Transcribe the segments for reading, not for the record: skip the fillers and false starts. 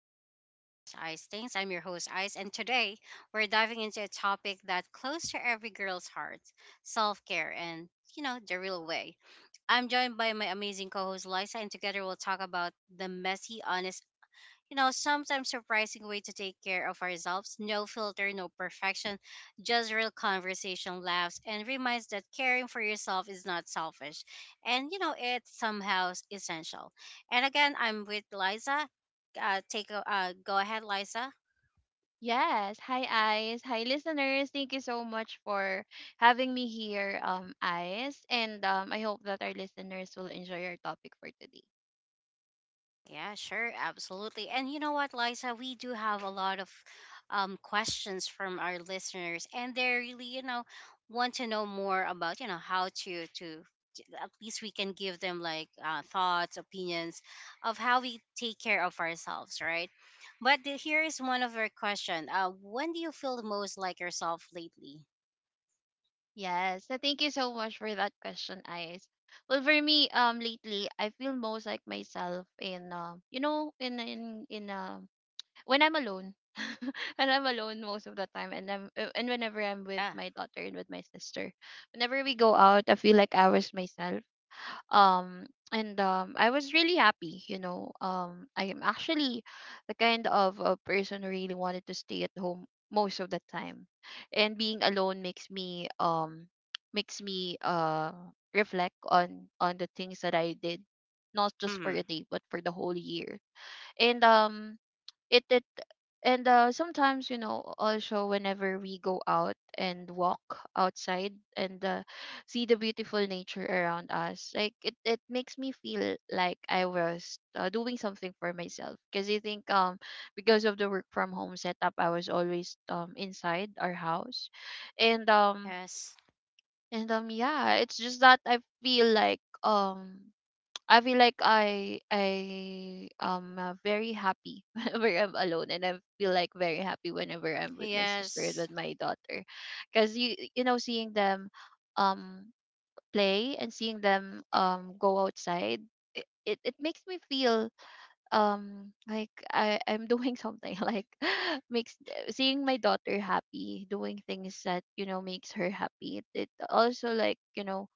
welcome back to Just Ice Things. I'm your host Ice and today we're diving into a topic that's close to every girl's heart, self-care and, you know, the real way. I'm joined by my amazing co-host Liza and together we'll talk about the messy, honest, you know, sometimes surprising way to take care of ourselves. No filter, no perfection, just real conversation, laughs, and reminds that caring for yourself is not selfish. And, you know, it's somehow essential. And again, I'm with Liza. Take a, go ahead, Liza. Yes. Hi, Eyes. Hi, listeners. Thank you so much for having me here, Eyes. And I hope that our listeners will enjoy our topic for today. Yeah, sure, absolutely. And you know what, Liza, we do have a lot of questions from our listeners, and they really, you know, want to know more about, you know, how to- at least we can give them like thoughts, opinions of how we take care of ourselves, right? But here is one of our question: When do you feel the most like yourself lately? Yes. So thank you so much for that question, Eyes. Well, for me, lately I feel most like myself in, you know, in when I'm alone. When I'm alone most of the time, and I'm and whenever I'm with Yeah. my daughter and with my sister, whenever we go out, I feel like I was myself. Um and I was really happy. I am actually the kind of a person who really wanted to stay at home most of the time, and being alone makes me reflect on the things that I did, not just for Mm-hmm. a day but for the whole year. And it it and Sometimes, you know, also whenever we go out and walk outside and see the beautiful nature around us, it makes me feel like I was, doing something for myself, because I think because of the work from home setup I was always inside our house. And um Yes. and Yeah, it's just that I feel like I am, very happy whenever I'm alone, and I feel like very happy whenever I'm with my sister and Yes. with my daughter, because you know, seeing them um play and seeing them go outside, it makes me feel like I'm doing something. Like, makes seeing my daughter happy, doing things that, you know, makes her happy, it it also, like, you know,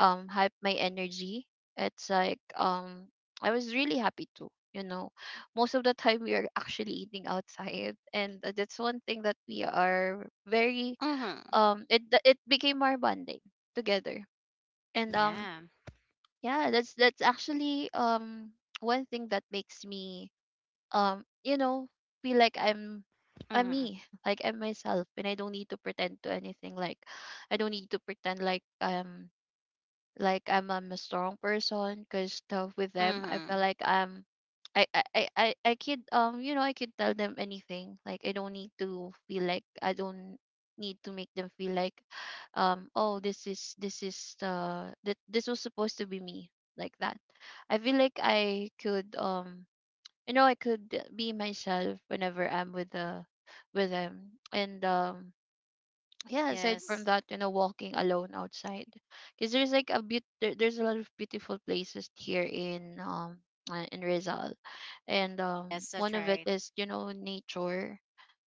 hype my energy. It's like I was really happy too. You know, most of the time we are actually eating outside, and that's one thing that we are very Mm-hmm. It became our bonding together. And Yeah. Yeah, that's actually one thing that makes me, um you know feel like I'm Mm-hmm. me, like I'm myself, and I don't need to pretend to anything. Like, I don't need to pretend like, like I'm a strong person, because tough with them I feel Mm-hmm. like I'm I could, I could tell them anything. Like, I don't need to feel like I don't need to make them feel like, oh, this is that this was supposed to be me, like that. I feel like I could, I could be myself whenever I'm with the with them. And Yeah, aside from Yes. that, you know, walking alone outside, because there's like there's a lot of beautiful places here in Rizal. And Yes, One that's of it right. is, you know, nature,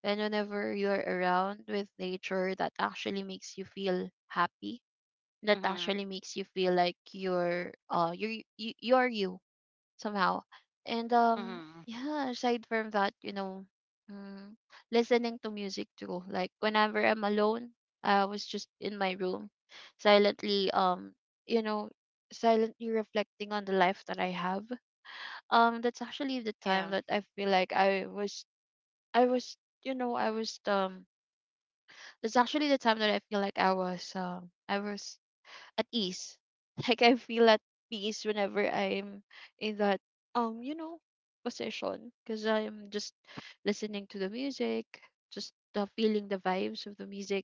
and whenever you're around with nature, that actually makes you feel happy, that Mm-hmm. actually makes you feel like you are you somehow. And Mm-hmm. Yeah, aside from that, you know, mm, listening to music too. Like, whenever I'm alone, I was just in my room, silently, you know, silently reflecting on the life that I have. That's actually the Yeah. time that I feel like I was I was, that's actually the time that I feel like I was at ease. Like, I feel at peace whenever I'm in that, um, you know, position, because I'm just listening to the music, just the feeling the vibes of the music.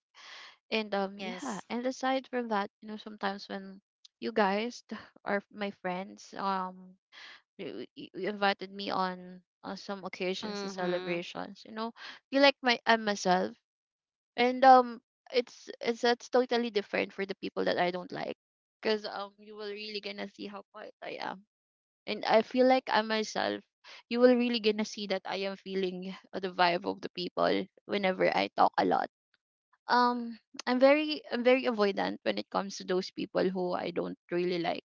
And Yeah, Yes. and aside from that, you know, sometimes when you guys are my friends, you, you invited me on, some occasions and Mm-hmm. celebrations, you know, feel like my I'm myself. And it's That's totally different for the people that I don't like, because, you will really gonna see how quiet I am, and I feel like I myself. You will really gonna see that I am feeling the vibe of the people whenever I talk a lot. um I'm very, I'm very avoidant when it comes to those people who I don't really like.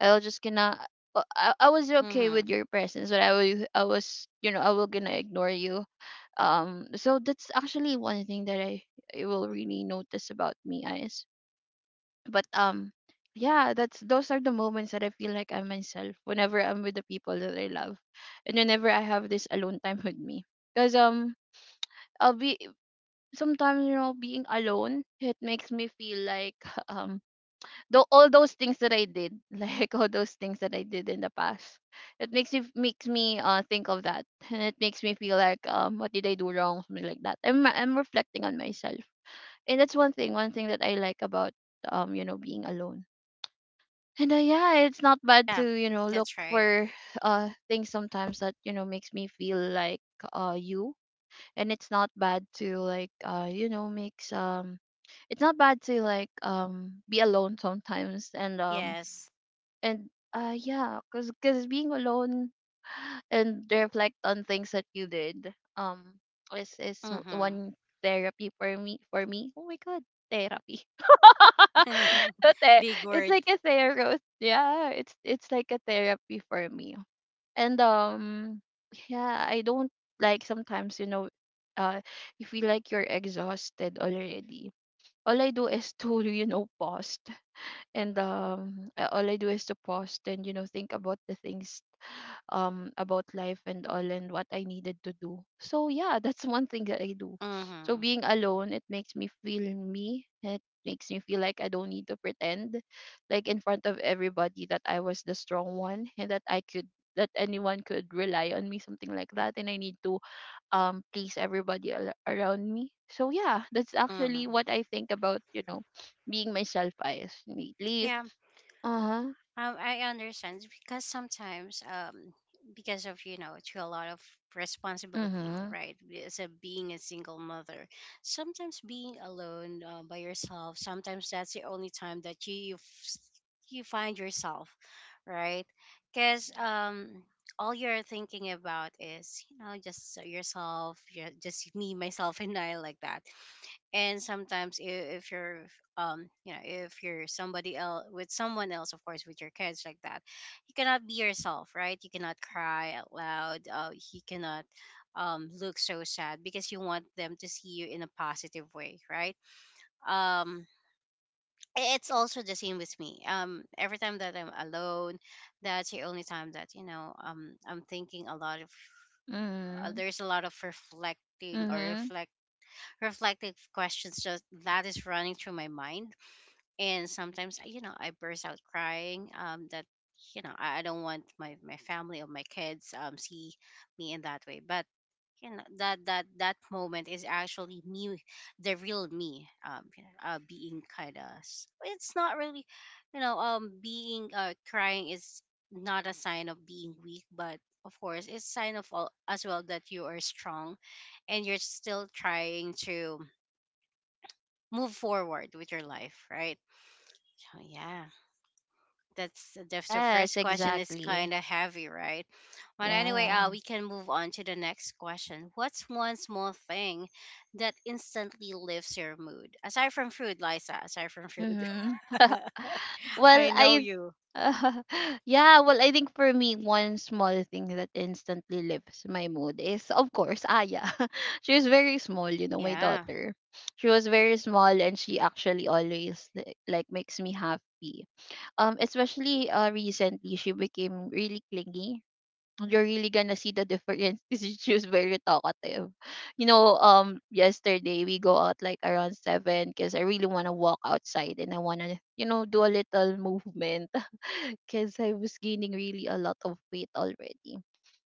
I'll just gonna, I was okay Mm-hmm. with your presence, but I was, you know, I will gonna ignore you. So that's actually one thing that I will really notice about me, Eyes. But Yeah, that's those are the moments that I feel like I'm myself, whenever I'm with the people that I love, and whenever I have this alone time with me, because, I'll be, sometimes, you know, being alone, it makes me feel like, um. Though all those things that I did, like all those things that I did in the past, it makes me think of that, and it makes me feel like, what did I do wrong, something like that. I'm reflecting on myself, and that's one thing that I like about, being alone. And, yeah, it's not bad Yeah, to, you know, look that's right. for, things sometimes that, you know, makes me feel like, uh you, and it's not bad to, like, you know makes it's not bad to, like, be alone sometimes. Yes. And Yeah, because, being alone and reflect on things that you did, is Mm-hmm. one therapy for me, for me, oh my god, therapy. Okay, Big it's word. like a therapy. Yeah, it's like a therapy for me. And Yeah, I don't, like sometimes, you know, uh you feel like you're exhausted already, all I do is to you know, all I do is to post and, you know, think about the things, about life and all, and what I needed to do. So yeah, that's one thing that I do. So, Mm-hmm. being alone, it makes me feel me. It makes me feel like I don't need to pretend, like in front of everybody, that I was the strong one and that I could, that anyone could rely on me, something like that. And I need to, please everybody around me. So yeah, that's actually Mm-hmm. what I think about, you know, being myself I lately. Yeah. Uh-huh. I understand because sometimes, because of, you know, to a lot of responsibility, Mhm. right? As a being a single mother, sometimes being alone by yourself, sometimes that's the only time that you find yourself, right? Because all you're thinking about is, you know, just yourself, you just me, myself, and I like that, and if you're you know if you're somebody else with someone else, of course with your kids like that, you cannot be yourself, right? You cannot cry out loud, you cannot look so sad because you want them to see you in a positive way, right? um it's also the same with me. Every time that I'm alone, that's the only time that, you know, I'm thinking a lot of Mhm. there's a lot of reflecting or Mhm. Reflective questions just that is running through my mind. And sometimes, you know, I burst out crying. That, you know, I don't want my my family or my kids see me in that way, but you know that moment is actually me, the real me. You know, being kind of, it's not really, you know, being crying is not a sign of being weak, but of course it's sign of all, as well, that you are strong and you're still trying to move forward with your life, right? So yeah, That's the Yes, first question is kind exactly. of heavy, right? But anyway, Yeah. we can move on to the next question. What's one small thing that instantly lifts your mood? Aside from food, Liza, aside from food. Mhm. Well, I know I— you. yeah, well, I think for me, one small thing that instantly lifts my mood is, of course, Aya. She was very small, you know, my Yeah. daughter. She was very small, and she actually always like makes me happy. Especially recently, she became really clingy. You're really gonna see the difference. This is just very talkative. You know, yesterday we go out like around 7, because I really wanna walk outside and I wanna, you know, do a little movement because I was gaining really a lot of weight already.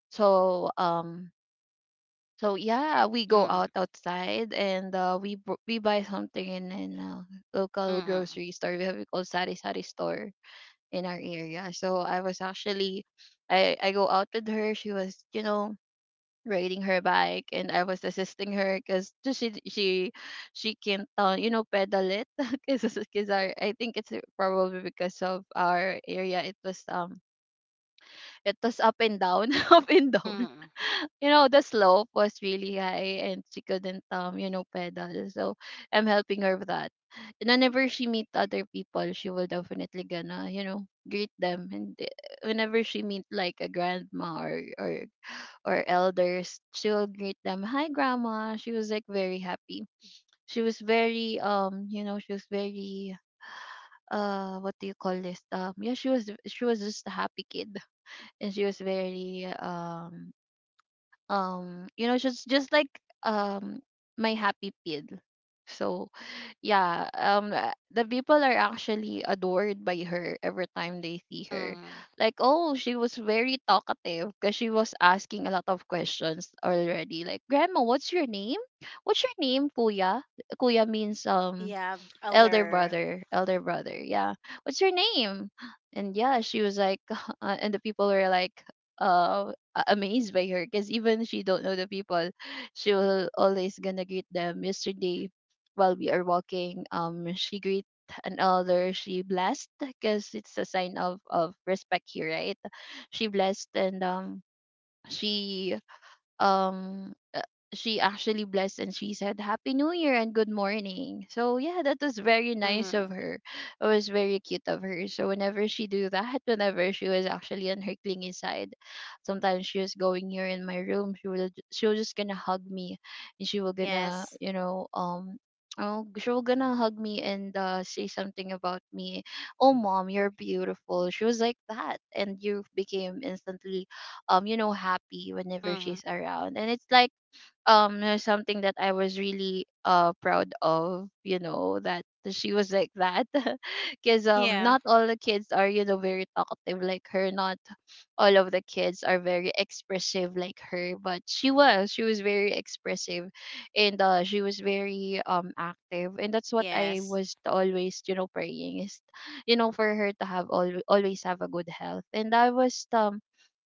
So um, so yeah, we go Mm, out outside, and we buy something in a local mm, grocery store. We have a, called Sari Sari store in our area. So I was actually, I go out with her. She was, you know, riding her bike, and I was assisting her because she can't, you know, pedal it because our— I think it's probably because of our area, it was, it was up and down up and down. mm, You know, the slope was really high, and she couldn't, you know, pedal. So I'm helping her with that. And whenever she meet other people, she will definitely gonna, you know, greet them. And, whenever she meet like a grandma, or elders, she will greet them, "Hi, Grandma." She was like very happy. She was very, you know, she was very, what do you call this? Yeah, she was just a happy kid, and she was very, she's just like, um my happy pid. So yeah, the people are actually adored by her every time they see her. mm. Like, oh, she was very talkative because she was asking a lot of questions already, like, "Grandma, what's your name? What's your name, kuya?" Kuya means, Yeah, elder elder. brother. Yeah, what's your name? And yeah, she was like and the people were like amazed by her, because even she don't know the people, she will always gonna greet them. Yesterday, while we are walking, she greet an elder. She blessed because it's a sign of respect here, right? She blessed, and she um uh, she actually blessed and she said, "Happy new year and good morning," so yeah, that was very nice of Mm, her. It was very cute of her. So whenever she do that, whenever she was actually on her clingy side, sometimes she was going here in my room. She was just gonna hug me, and she will gonna, yes. Oh, she was gonna hug me and say something about me. "Oh, mom, you're beautiful." She was like that, and you became instantly, happy whenever Mm, she's around. And it's like, something that I was really proud of, you know, that she was like that. Cause, yeah. not all the kids are, you know, very talkative like her. Not all of the kids are very expressive like her, but she was. She was very expressive, and she was very active. And that's what I Yes. was always, you know, praying is, you know, for her to have all always have a good health. And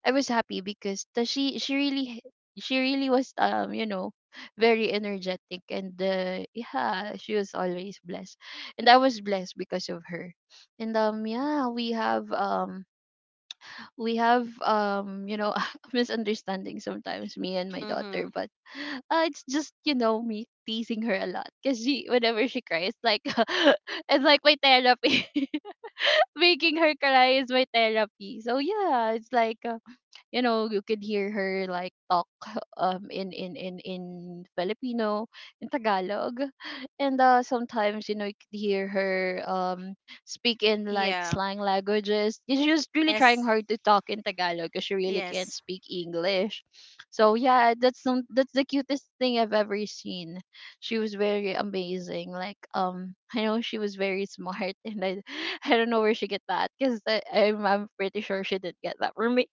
I was happy because the, she really was, you know, very energetic, and yeah, she was always blessed, and I was blessed because of her. And yeah, we have, we have um you know misunderstanding sometimes, me and my daughter, Mm-hmm. but it's just, you know, me teasing her a lot, because she whenever she cries, like, it's like my therapy. Making her cry is my therapy. So yeah, it's like, you know, you could hear her, like, talk in Filipino, in Tagalog. And sometimes, you know, you could hear her, speak in, like, Yeah. slang languages. She just really trying Yes. hard to talk in Tagalog because she really can't Yes. speak English. So yeah, that's the cutest thing I've ever seen. She was very amazing, like, I know she was very smart, and I I don't know where she get that, because I'm pretty sure she didn't get that from me.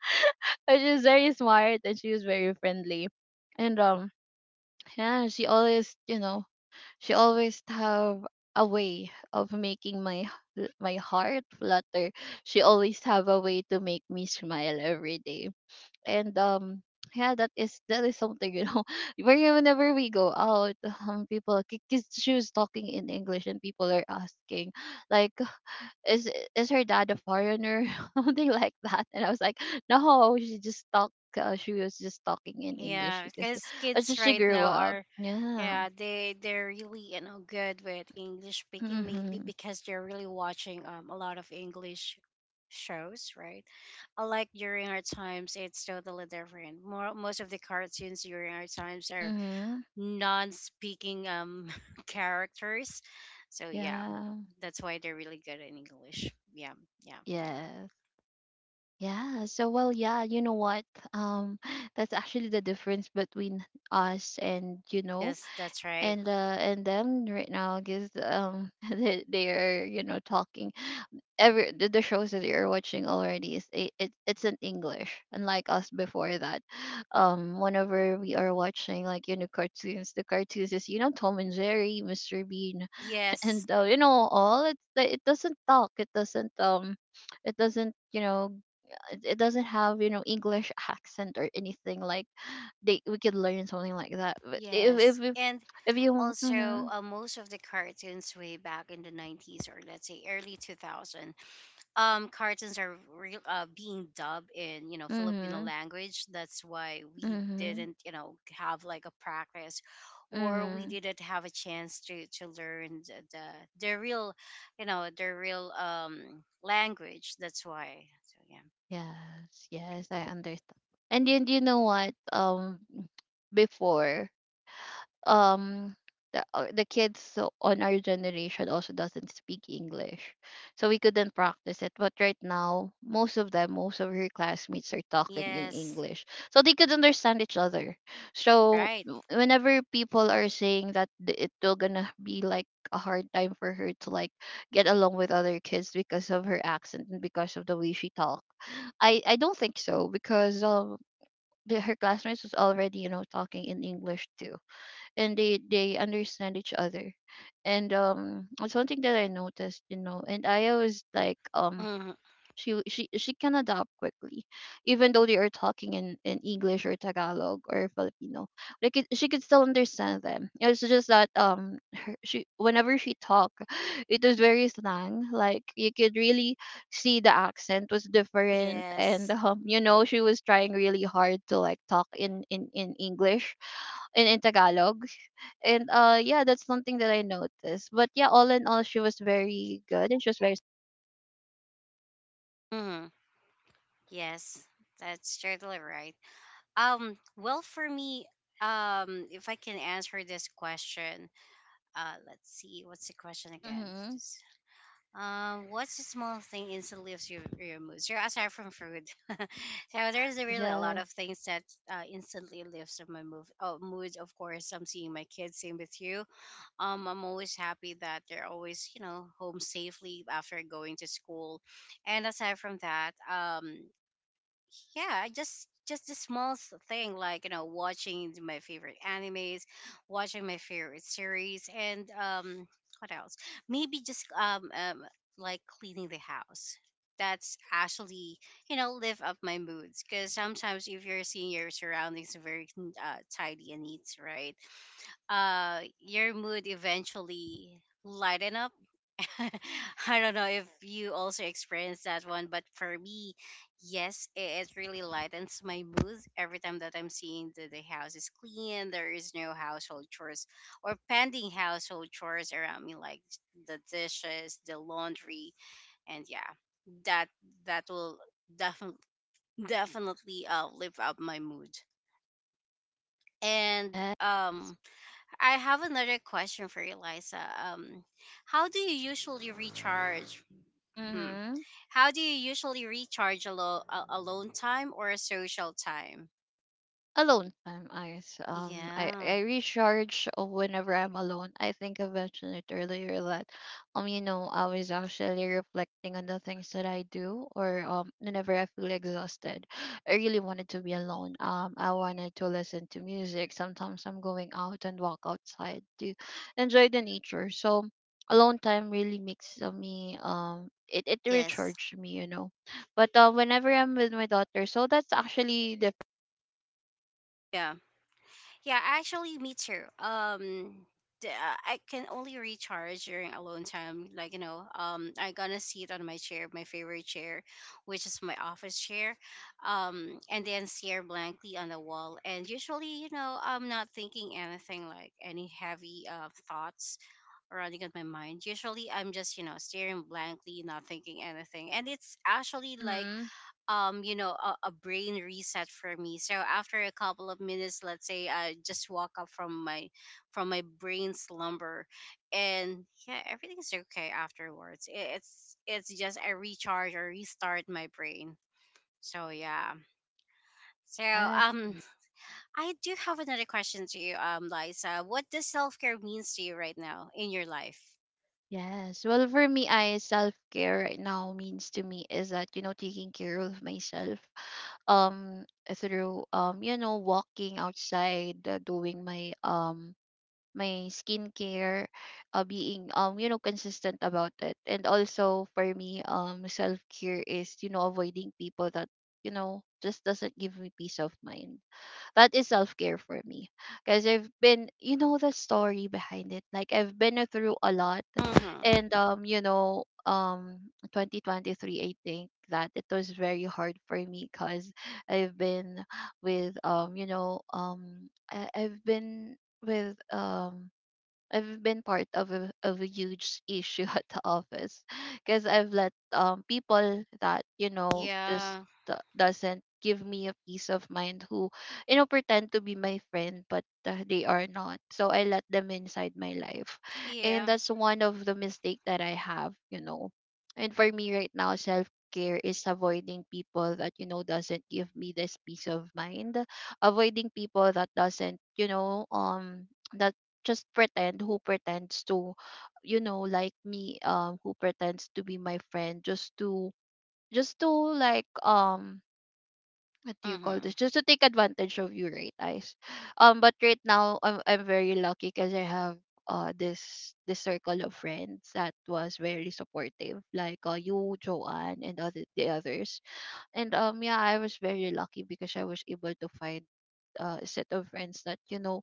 But she was very smart and she was very friendly. And yeah, she always, you know, she always have a way of making my, my heart flutter. She always have a way to make me smile every day. And yeah, that is something, you know. Whenever we go out, people, because she was talking in English, and people are asking, like, is is her dad a foreigner? Something like that. And I was like, "No, she just talk, she was just talking in English Yeah, because because that's kids just she right grew now up." are, Yeah. yeah, they they're really, you know, good with English speaking. Maybe Mm-hmm. because they're really watching a lot of English shows, right? Unlike during our times, it's totally different. More most of the cartoons during our times are Mm-hmm. non-speaking characters, so yeah, Yeah. that's why they're really good in English. Yeah, yeah, yeah. Yes. Yeah. So, well, yeah, you know what? um that's actually the difference between us, and, you know, Yes, that's right. And them right now, because, they are, you know, talking every, the shows that you're watching already is, it's in English, unlike us before that. Whenever we are watching, like, you know, cartoons, the cartoons is, you know, Tom and Jerry, Mr. Bean, Yes, and you know, all, it's like, it doesn't talk, it doesn't, it doesn't, you know. It doesn't have, you know, English accent, or anything like, they we could learn something like that. But if if yes, if, and if you. Mm-hmm. also most of the cartoons way back in the 90s, or let's say early 2000 cartoons are real, being dubbed in, you know, Filipino Mm-hmm. language. That's why we Mm-hmm. didn't, you know, have like a practice, or we Mm-hmm. didn't have a chance to learn the real, you know, the real language. That's why. So yeah. Yes, yes, I understand. And then, you know what? Before, um, the, the kids, so on our generation also doesn't speak English, so we couldn't practice it. But right now, most of them, most of her classmates are talking in Yes, English, so they could understand each other. So, right. Whenever people are saying that, it will gonna be like a hard time for her to, like, get along with other kids because of her accent and because of the way she talks, I don't think so, because, the, her classmates was already, you know, talking in English too, and they understand each other. And it's one thing that I noticed, you know, and I was like, Hmm. she can adapt quickly, even though they are talking in English or Tagalog or Filipino. Like, it, she could still understand them. It's just that, her, she whenever she talk, it was very slang, like, you could really see the accent was different. And Yes. You know, she was trying really hard to, like, talk in English, and in Tagalog. And yeah, that's something that I noticed, but yeah, all in all, she was very good, and she was very. Hmm. Yes, that's totally right. Well, for me, if I can answer this question, let's see, what's the question again? Mm-hmm. Just what's a small thing instantly lifts your mood? So aside from food, so there's really a lot Yeah. of things that instantly lifts up my mood. Oh, mood, of course. I'm seeing my kids. Same with you. I'm always happy that they're always, you know, home safely after going to school, and aside from that, yeah, just the small thing like, you know, watching my favorite animes, watching my favorite series, and what else, maybe just like cleaning the house. That's actually, you know, lift up my moods, because sometimes if you're seeing your surroundings very, tidy and neat, right, your mood eventually lighten up. I don't know if you also experienced that one, but for me, yes, it really lightens my mood every time that I'm seeing that the house is clean, there is no household chores or pending household chores around me, like the dishes, the laundry, and yeah, that that will definitely definitely, lift up my mood. And I have another question for you, Liza. Um, how do you usually recharge? Hmm, Mm-hmm. how do you usually recharge, alone time or a social time? Alone time, I s- um I, Yeah. I recharge whenever I'm alone. I think I mentioned it earlier that, you know, I was actually reflecting on the things that I do, or, whenever I feel exhausted. I really wanted to be alone. I wanted to listen to music. Sometimes I'm going out and walk outside to enjoy the nature. So alone time really makes, me, it Yes. recharged me, you know. But whenever I'm with my daughter, so that's actually different. Yeah. Yeah, actually me too. I can only recharge during alone time. Like, you know, I gonna sit on my chair, my favorite chair, which is my office chair. And then stare blankly on the wall. And usually, you know, I'm not thinking anything like any heavy thoughts running in my mind. Usually I'm just, you know, staring blankly, not thinking anything. And it's actually like Mm-hmm. You know, a brain reset for me. So after a couple of minutes, let's say I just walk up from my brain slumber, and yeah, everything's okay afterwards. It, it's just I recharge or restart my brain. So yeah. So Yeah. I do have another question to you, Liza. What does self care means to you right now in your life? Yes. Well, for me, I, self care right now means to me is that, you know, taking care of myself, um, through, you know, walking outside, doing my, my skincare, being, you know, consistent about it. And also for me, self care is, you know, avoiding people that, you know, just doesn't give me peace of mind. That is self care for me, because I've been, you know, the story behind it, like, I've been through a lot. Mhm. And 2023, I think that it was very hard for me, because I've been with, I've been with, I've been part of a, huge issue at the office, because I've let, people that, you know, just, Yeah. Doesn't give me a peace of mind, who, you know, pretend to be my friend, but, they are not. So I let them inside my life, and Yeah. that's one of the mistake that I have, you know. And for me right now, self care is avoiding people that, you know, doesn't give me this peace of mind, avoiding people that doesn't, you know, that, just pretend, who pretends to, you know, like me, who pretends to be my friend, just to, like, what do you call Mhm. this, just to take advantage of you, right, guys? But right now, I'm very lucky because I have, this circle of friends that was very supportive, like, you, Joanne, and other, the others. And yeah, I was very lucky, because I was able to find, set of friends that, you know,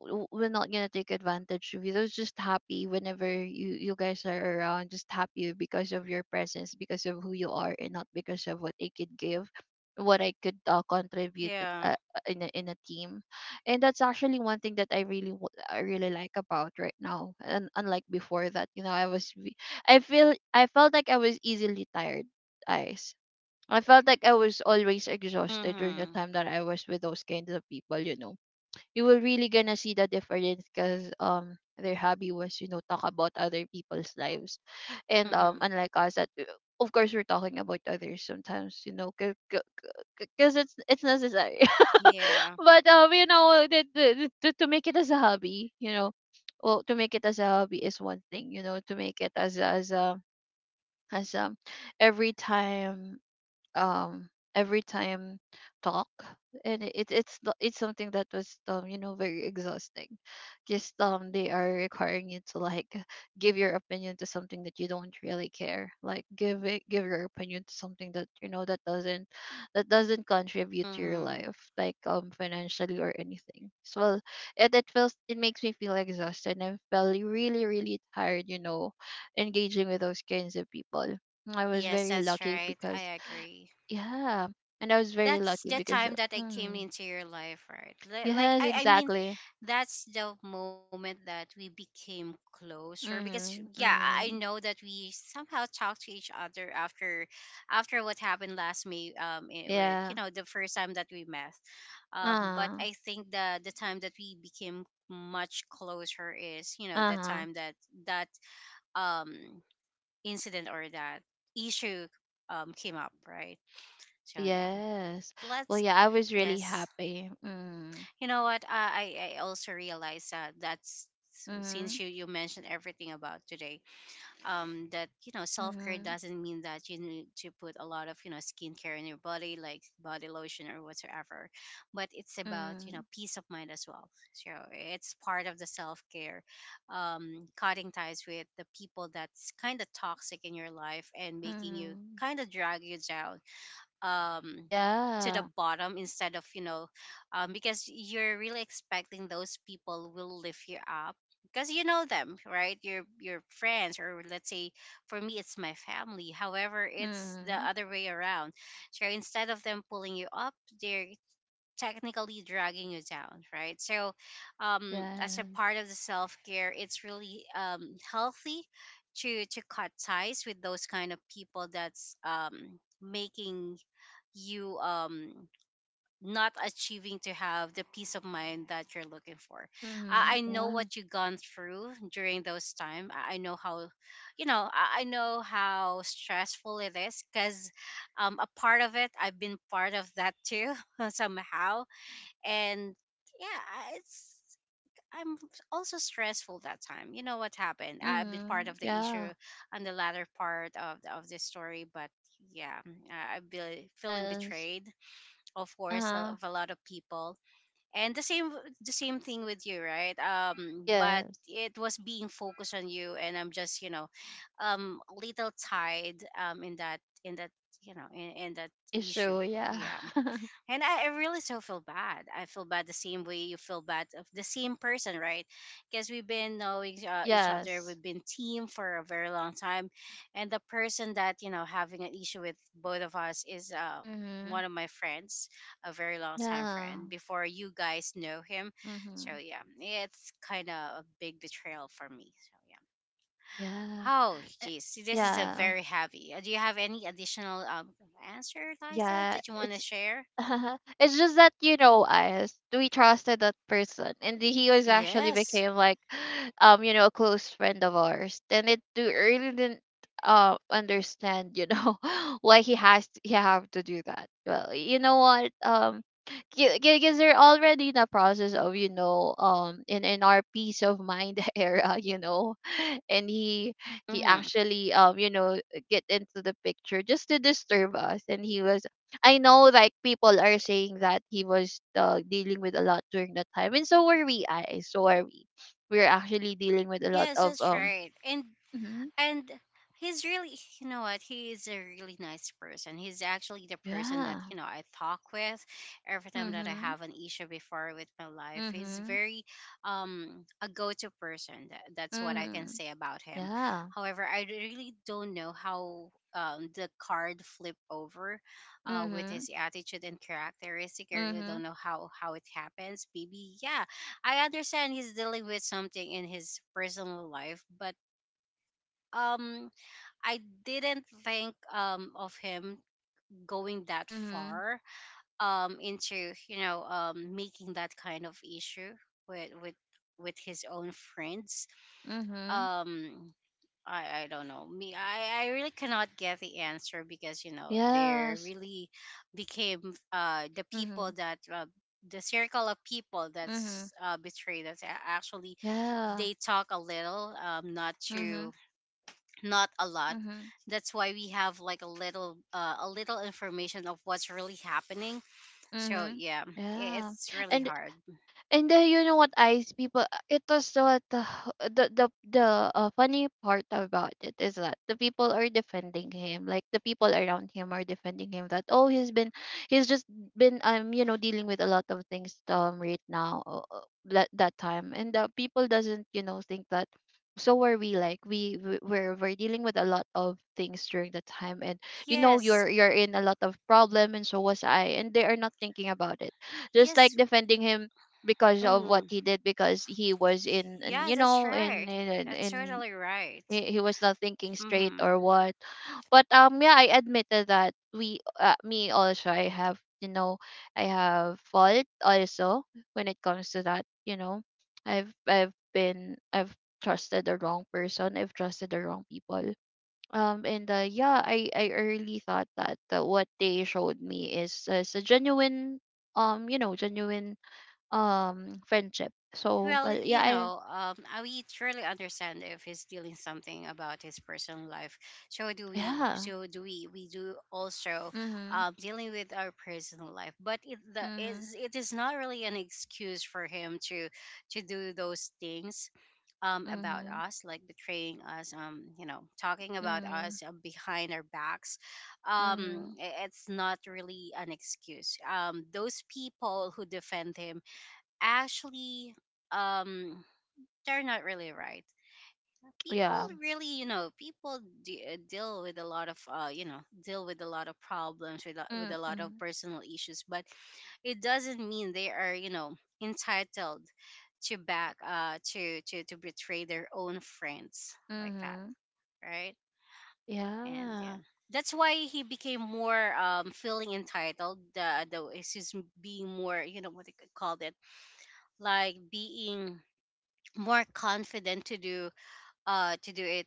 we're not gonna take advantage of you. They're just happy whenever you guys are around. Just happy because of your presence, because of who you are, and not because of what I could give, what I could, contribute, Yeah. In a, team. And that's actually one thing that I really, I really like about right now. And unlike before that, you know, I felt like I was easily tired. Eyes. I felt like I was always exhausted during the Mhm. time that I was with those kinds of people, you know. You were really gonna see the difference, because, their hobby was, you know, talk about other people's lives. And Mhm. unlike us that, of course, we're talking about others sometimes, you know, because it's necessary. Yeah. But, you know, to make it as a hobby, you know, well, to make it as a hobby is one thing, you know, to make it as a, as a as every time, um every time talk, and it, it's the- it's something that was, you know, very exhausting. Just, they are requiring you to, like, give your opinion to something that you don't really care, like, give your opinion to something that, you know, that doesn't contribute to your Mhm. life, like, financially, or anything. So, well, it makes me feel exhausted, and I felt really, really tired, you know, engaging with those kinds of people. I was Yes, very that's lucky, right. I because. agree. Yeah. And I was very That's lucky the because, time that I came mm, into your life, right? Like, yes, I mean, exactly. that's the moment that we became closer, because Mm-hmm. yeah, I Mm-hmm. know that we somehow talked to each other after, after what happened last May, with, Yeah. you know, the first time that we met, but Uh, I think the time that we became much closer is, you know, the uh-huh. time that that um incident or that issue came up, right? So yeah, Yes. Well, let's, yeah, I was really yes, happy. Mm. you know what? I also realized that that's, so Mm-hmm. since you mentioned everything about today, that you know self care Mm-hmm. doesn't mean that you need to put a lot of, you know, skincare in your body like body lotion or whatsoever, but it's about, you Mm-hmm. know, peace of mind as well. So it's part of the self care, cutting ties with the people that's kind of toxic in your life and making you Mm-hmm. kind of drag you down um to the Yeah. bottom, instead of, you know, because you're really expecting those people will lift you up, because you know them, right? Your friends, or let's say for me it's my family, however it's the Mm-hmm. other way around. So instead of them pulling you up, they're technically dragging you down, right? So as a Yes. part of the self-care, it's really healthy to cut ties with those kind of people that's making you not achieving to have the peace of mind that you're looking for. Mm-hmm. I know Yeah. what you've gone through during those time. I know how, you know, I know how stressful it is because a part of it, I've been part of that too somehow. And yeah, I- it's, I'm also stressful that time. You know what happened? I've been part Mm-hmm. of the Yeah. issue on the latter part of, of this story, but yeah, I be feeling Yes. betrayed, of course, Uh-huh. of a lot of people, and the same, the same thing with you, right? But Yes. it was being focused on you and I'm just, you know, a little tied in that, you know, in that issue. Issue, Oh, yeah. yeah. And I really so feel bad. I feel bad the same way you feel bad of the same person, right? Because we've been knowing, each other, Yes. we've been team for a very long time, and the person that you know having an issue with both of us is Mm-hmm. one of my friends, a very long time Yeah. friend, before you guys know him, so Mhm. yeah, it's kind of a big betrayal for me. So yeah. Yeah. Oh, Eh, geez, this is a Yeah. very heavy. Do you have any additional answer, Liza, Yeah. that you want to It's share? it's just that you know us we trusted that person and he was actually Yes. became like you know, a close friend of ours. Then it do really didn't understand, you know, why he have to do that. Well, you know what, because they're already in the process of, you know, in our peace of mind era, you know. And he Mm-hmm. actually, you know, get into the picture just to disturb us. And he was, I know, like, people are saying that he was dealing with a lot during that time, and so were we. I So are we. We're actually dealing with a lot Yes, of that's right. And hmm. and he's really you know what, he is a really nice person. He's actually the person that Yeah. you know I talk with every time that I Mm-hmm. have an issue before with my life. He's Mm-hmm. very a go-to person, that's what I can Mm-hmm. say about him. Yeah. However, I really don't know how the card flip over with Mm-hmm. his attitude and characteristic. I really Mm-hmm. don't know how it happens, maybe. Yeah, I understand he's dealing with something in his personal life, but um I didn't think of him going that Mm-hmm. far into making that kind of issue with with with his own friends. Mm-hmm. Um I don't know. Me, I really cannot get the answer because you know they Yes. really became the Mm-hmm. people that the circle of people Mm-hmm. that's betrayed us actually. Yeah. They talk a little, not to, Mm-hmm. not a lot. Mm-hmm. That's why we have like a little information of what's really happening. So Mm-hmm. yeah, Yeah. it's really And hard. And you know what, Ice, people, it was so what the the, the funny part about it is that the people are defending him. Like, the people around him are defending him that, oh, he's been he's just been, you know, dealing with a lot of things, right now, that that time, and the people doesn't, you know, think that so are we. Like, we're dealing with a lot of things during the time. And you know, Yes. you're in a lot of problem, and so was I, and they are not thinking about it, just like Yes. defending him because of what Mm, he did. Because he was in, and yeah, you that's know, in right. in in, That's in totally right. he, was not thinking straight Mm-hmm. or what. But yeah, I admitted that we, me also, I have, you know, I have fault also when it comes to that, you know. I've trusted the wrong person. I've trusted the wrong people, and yeah, I really thought that, what they showed me is a genuine, you know, genuine, friendship. So, Well, well, yeah, you I, know, I we truly understand if he's dealing something about his personal life. So do we. yeah. So do we. We do also Mhm. Dealing with our personal life, but Mhm. It is not really an excuse for him to do those things about Mhm. us, like betraying us. You know, talking about Mhm. us behind our backs. Mhm. It's not really an excuse. Those people who defend him actually um they're not really right. People, Yeah. really, you know, people deal with a lot of deal with a lot of problems with a lot of Mhm. personal issues, but it doesn't mean they are, you know, entitled to back to betray their own friends like that, Mhm. right? And yeah, Yeah. that's why he became more feeling entitled, though it's just being more, you know, what they could call it, like being more confident to do, to do it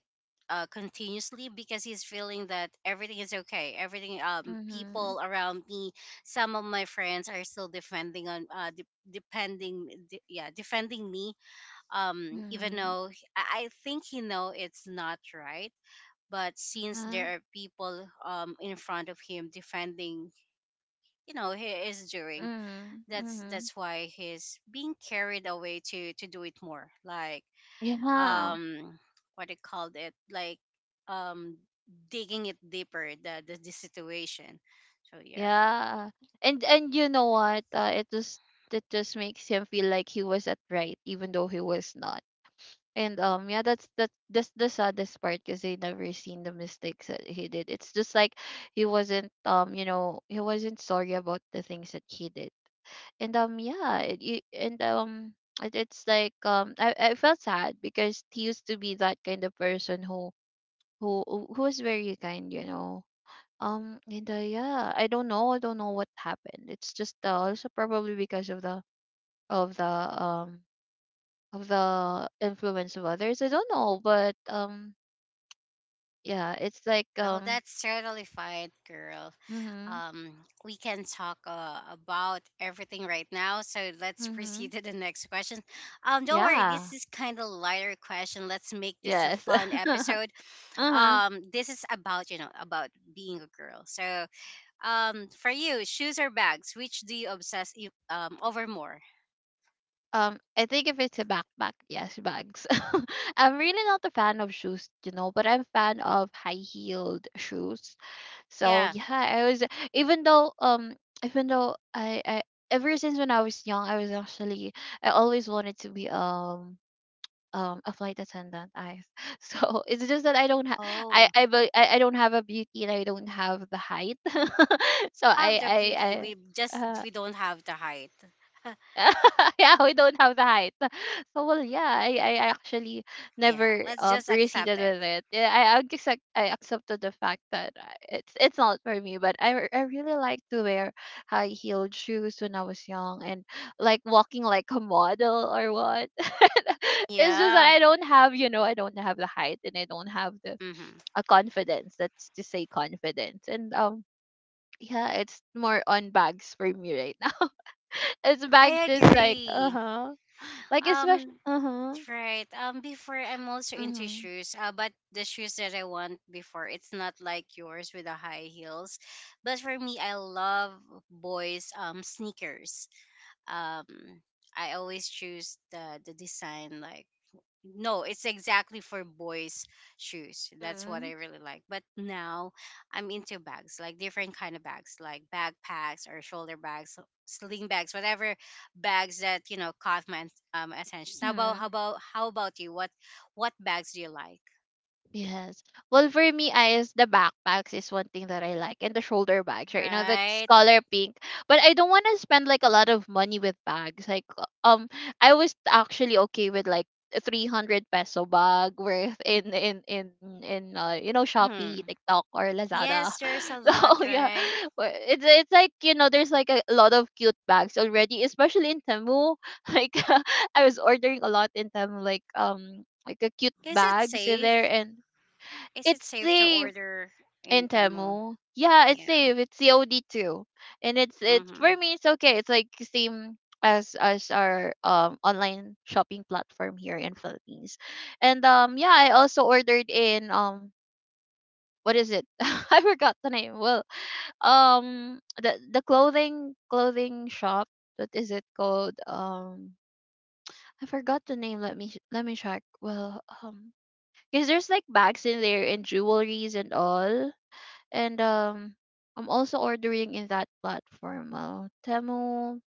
continuously, because he's feeling that everything is okay, everything, Mhm. people around me, some of my friends are still defending on yeah, defending me, even Mhm. though I think he know it's not right. But since Yeah. there are people in front of him defending, you know, he is doing, Mhm. that's Mhm. Why he's being carried away to do it more, like Yeah. um what they called it, like um digging it deeper, the situation. So yeah. Yeah. And you know what? It just, it just makes him feel like he was at right, even though he was not. And yeah, that's the saddest part, because they never seen the mistakes that he did. It's just like he wasn't, you know, he wasn't sorry about the things that he did. And yeah, it, it's like, I felt sad because he used to be that kind of person who was very kind, you know. And yeah, I don't know. I don't know what happened. It's just also probably because of the of the of the influence of others. I don't know, but yeah, it's like Well, that's totally fine, girl. mhm. Um, we can talk about everything right now, so let's Mhm. proceed to the next question. Um, don't worry, this Yeah. is kind of lighter question. Let's make this a Yes. fun episode. Uh-huh. Um, this is about, you know, about being a girl. So um, for you, shoes or bags, which do you obsess over more? I think if it's a backpack, yes, bags. I'm really not a fan of shoes, you know, but I'm fan of high-heeled shoes. So Yeah. yeah, I was, even though um even though I ever since when I was young, I was actually, I always wanted to be a flight attendant eyes. So it's just that I don't have, Oh, I bu- I don't have a beauty, and I don't have the height. so have the beauty. We I just we don't have the height. Yeah, we don't have the height. So well, yeah, I actually Yeah, never let's just accept proceeded it. with it. Yeah, I accepted the fact that it's not for me. But I really like to wear high heeled shoes when I was young, and like walking like a model or what. It's just that Yeah. I don't have, you know, I don't have the height, and I don't have the, Mm-hmm. a confidence, that's to say, confidence. And yeah, it's more on bags for me right now. It's bags, I is like, uh agree. huh. Like, especially, Um, uh huh. right. Before I'm also into Mm shoes. But the shoes that I want before, it's not like yours with the high heels. But for me, I love boys. Sneakers. Um, I always choose the design, like no, it's exactly for boys' shoes. That's what I hmm. really like. But now I'm into bags, like different kind of bags, like backpacks or shoulder bags, sling bags, whatever bags that you know caught my attention. How Mm about, hmm. You? What bags do you like? Yes. Well, for me, I is the backpacks is one thing that I like, and the shoulder bags, right? You know, that's Right? color pink. But I don't want to spend like a lot of money with bags. Like, I was actually okay with like a 300 peso bag worth in you know, Hmm. Shopee, TikTok, or Lazada. Yes, there's a lot, So yeah, right? well, it's like, you know, there's like a lot of cute bags already, especially in Temu. Like, I was ordering a lot in Temu, like, like a cute Is it bags in there. safe? And Is it it's safe to safe order in in Temu? Temu. Yeah, it's Yeah. safe. It's COD too, and it's Mm-hmm. for me, it's okay. It's like same as our online shopping platform here in Philippines. And yeah, I also ordered in what is it? I forgot the name. Well, the clothing shop. What is it called? I forgot the name. Let me let me check. Well, because there's like bags in there and jewelries and all. And I'm also ordering in that platform, Temu,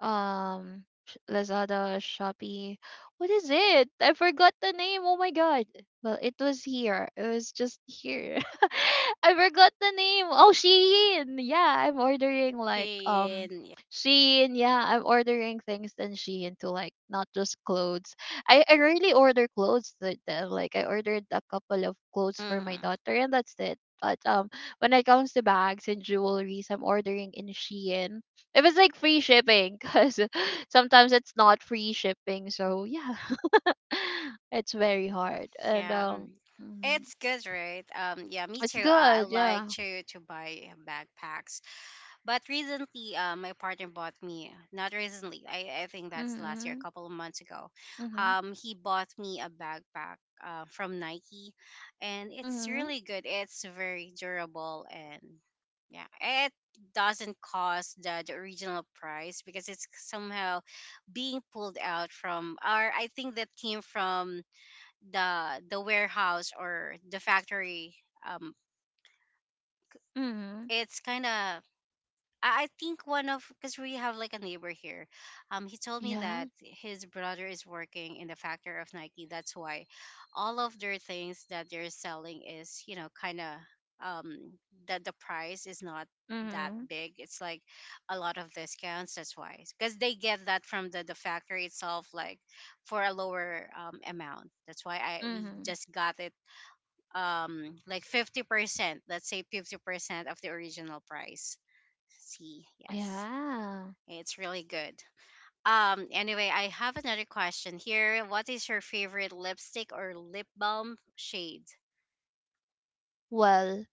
Lazada, Shopee. What is it? I forgot the name. Oh my god. Well, it was here. It was just here. I forgot the name. Oh, Shein. Yeah, I'm ordering like Yeah. Shein. Yeah, I'm ordering things in Shein to, like, not just clothes. I rarely order clothes Like, I ordered a couple of clothes for my daughter, and that's it. But when it comes to bags and jewelries, I'm ordering in Shein if it's like free shipping, because sometimes it's not free shipping. So yeah, it's very hard. And Yeah, mm, it's good, right? Yeah, me it's too. I good. like Yeah. to buy backpacks, but recently, my partner bought me. Not recently. I think that's last year, a Mhm. couple of months ago. Mhm. He bought me a backpack. From Nike, and it's Mhm. really good. It's very durable, and yeah, it doesn't cost the original price because it's somehow being pulled out from, or I think that came from the warehouse or the factory. um Mhm. it's kind of, I think one of, because we have like a neighbor here, he told me Yeah. that his brother is working in the factory of Nike. That's why all of their things that they're selling is, you know, kind of um that the price is not that Mhm. big. It's like a lot of discounts. That's why, because they get that from the factory itself, like for a lower amount. That's why I we Mhm. just got it like 50%, let's say 50% of the original price, see? Yes, Yeah. it's really good. Um, anyway, I have another question here. What is your favorite lipstick or lip balm shade? Well.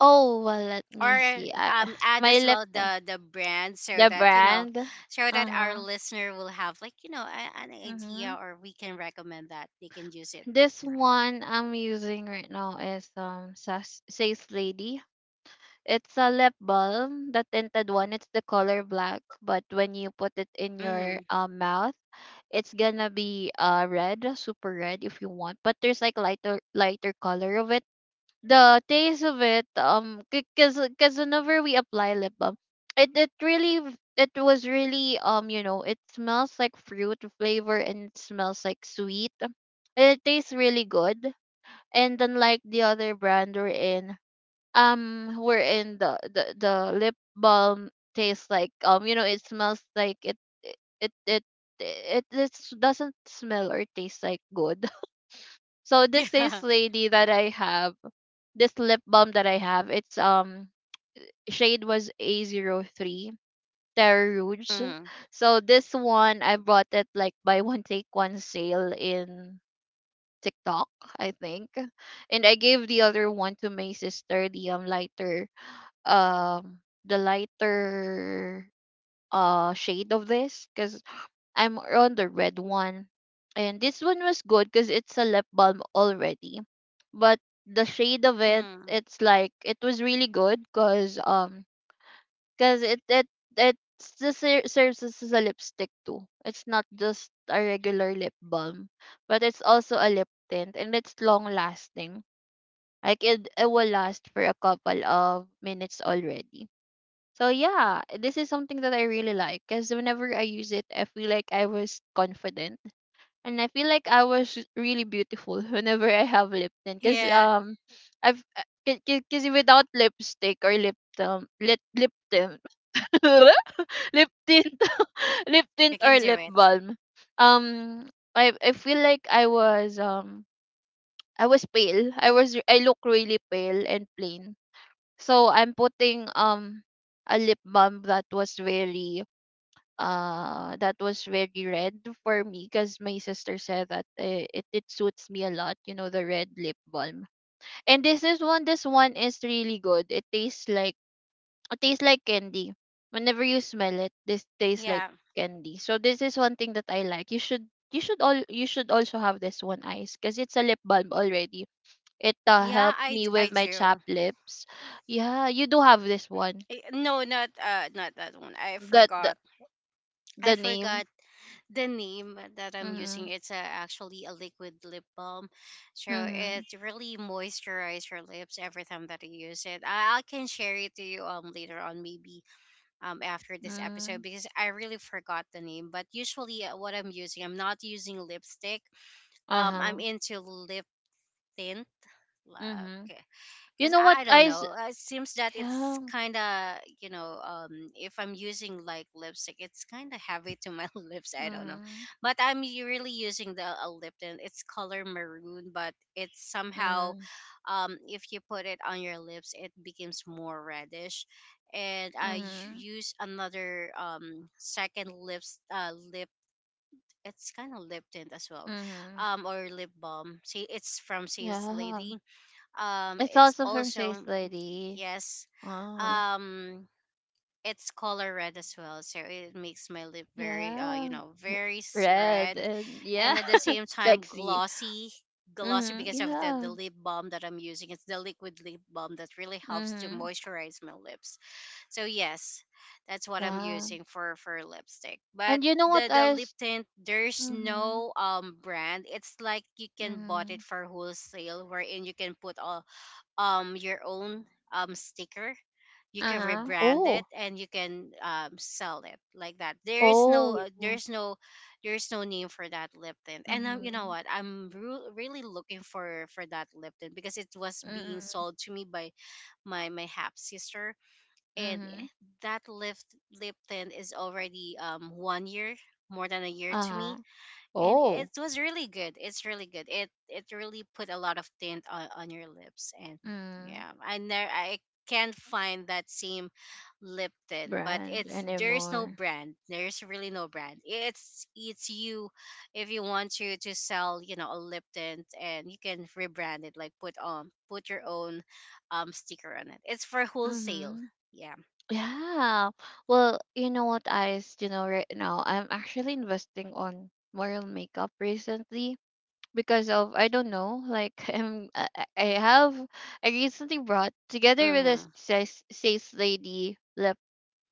Oh well. Let Or me see. I, um, add my as well laptop. the brand, so The that you know, brand. Uh so that our huh. listener will have like, you know, a, an idea, Mhm. or we can recommend that they can use it. This one I'm using right now is Says Lady. It's a lip balm, the tinted one. It's the color black, but when you put it in Right. your Mm-hmm. Mouth, it's gonna be red, super red, if you want. But there's like lighter lighter color of it. The taste of it, because whenever we apply lip balm, it was really, you know, it smells like fruit flavor, and it smells like sweet. It tastes really good. And unlike the other brand we're in, wherein the lip balm tastes like, you know, it smells like it it it, it doesn't smell or taste like good. So this Yeah. lady that I have, this lip balm that I have, it's, shade was a 03 terre rouge. Mm-hmm. So this one I bought it like buy one take one sale in tiktok, I think. And I gave the other one to my sister, the lighter, um the lighter shade of this, because I'm on the red one. And this one was good, because it's a lip balm already. But the shade of it, Mm-hmm. it's like, it was really good, because because it it it serves as a lipstick too. It's not just a regular lip balm, but it's also a lip tint, and it's long lasting. Like, it will last for a couple of minutes already. So yeah, this is something that I really like, because whenever I use it, I feel like I was confident, and I feel like I was really beautiful whenever I have lip tint. Because Yeah, I've because without lipstick or lip tint, lip tint, lip tint you can or do lip it. balm, um, I feel like I was pale. I look really pale and plain. So I'm putting a lip balm that was very red for me, because my sister said that it, it suits me a lot, you know, the red lip balm. And this one is really good. It tastes like, it tastes like candy whenever you smell it. This tastes like Yeah. candy. So this is one thing that I like. You should also have this one, Ice, because it's a lip balm already. It Yeah, helped I me I with my do. chapped lips. Yeah, you do have this one, Eh, no, not not that one. I that forgot. the I name. forgot the name that I'm Mm-hmm. using. It's actually a liquid lip balm. So Mm-hmm. it really moisturizes your lips every time that you use it. I can share it to you later on, maybe after this Mm-hmm. episode, because I really forgot the name. But usually what I'm using, I'm not using lipstick. Um, I'm Uh-huh. into lip tint. Mhm. Like, You because know what I don't I s— know it seems that it's yeah. kind of, you know, if I'm using like lipstick, it's kind of heavy to my lips, I don't know. Mhm. But I'm really using the a lipton, it's color maroon, but it's somehow Mhm. um, if you put it on your lips, it becomes more reddish. And I Mhm. use another second lips lip, it's kind of lip tint as well, Mhm. um, or lip balm, see, it's from Sales Yeah. lady. Um, It's it's also from also, Chase Lady. yes, Uh, um, it's color red as well, so it makes my lip very uh, you yeah. know, W— very red red. and yeah, And at the same time sexy. glossy, glossy Mhm. because of Yeah. the lip balm that I'm using, it's the liquid lip balm that really helps to Mhm. moisturize my lips. So yes, that's what I'm Yeah. using for lipstick. But And you know what the I lip s— tint, there's Mhm. no brand, it's like you can bought it Mhm. for wholesale, wherein you can put all your own sticker, you can Uh-huh. rebrand it Oh. and you can sell it like that. There is Oh, no yeah. there's no, there's no name for that lip tint. And you know Mhm. what, I'm really looking for that lip tint, because it was being Mhm. sold to me by my half sister. And eh, Mhm. that lip tint is already 1 year, more than a year to me. Uh-huh. And it Oh. was really good. It's really good. It really put a lot of tint on your lips, and Mm. yeah, I never, I can't find that same lip tint. But Brand it's, there's no anymore. brand. There's really no brand. It's you, if you want to sell, you know, a lip tint, and you can rebrand it, like put put your own sticker on it. It's for wholesale. Mm-hmm. Yeah. Yeah. Well, you know what, Ice, you know, right now I'm actually investing on moral makeup recently, because of, I don't know, like, I'm, I have, I recently brought together with a Mm-hmm. Says lady lip,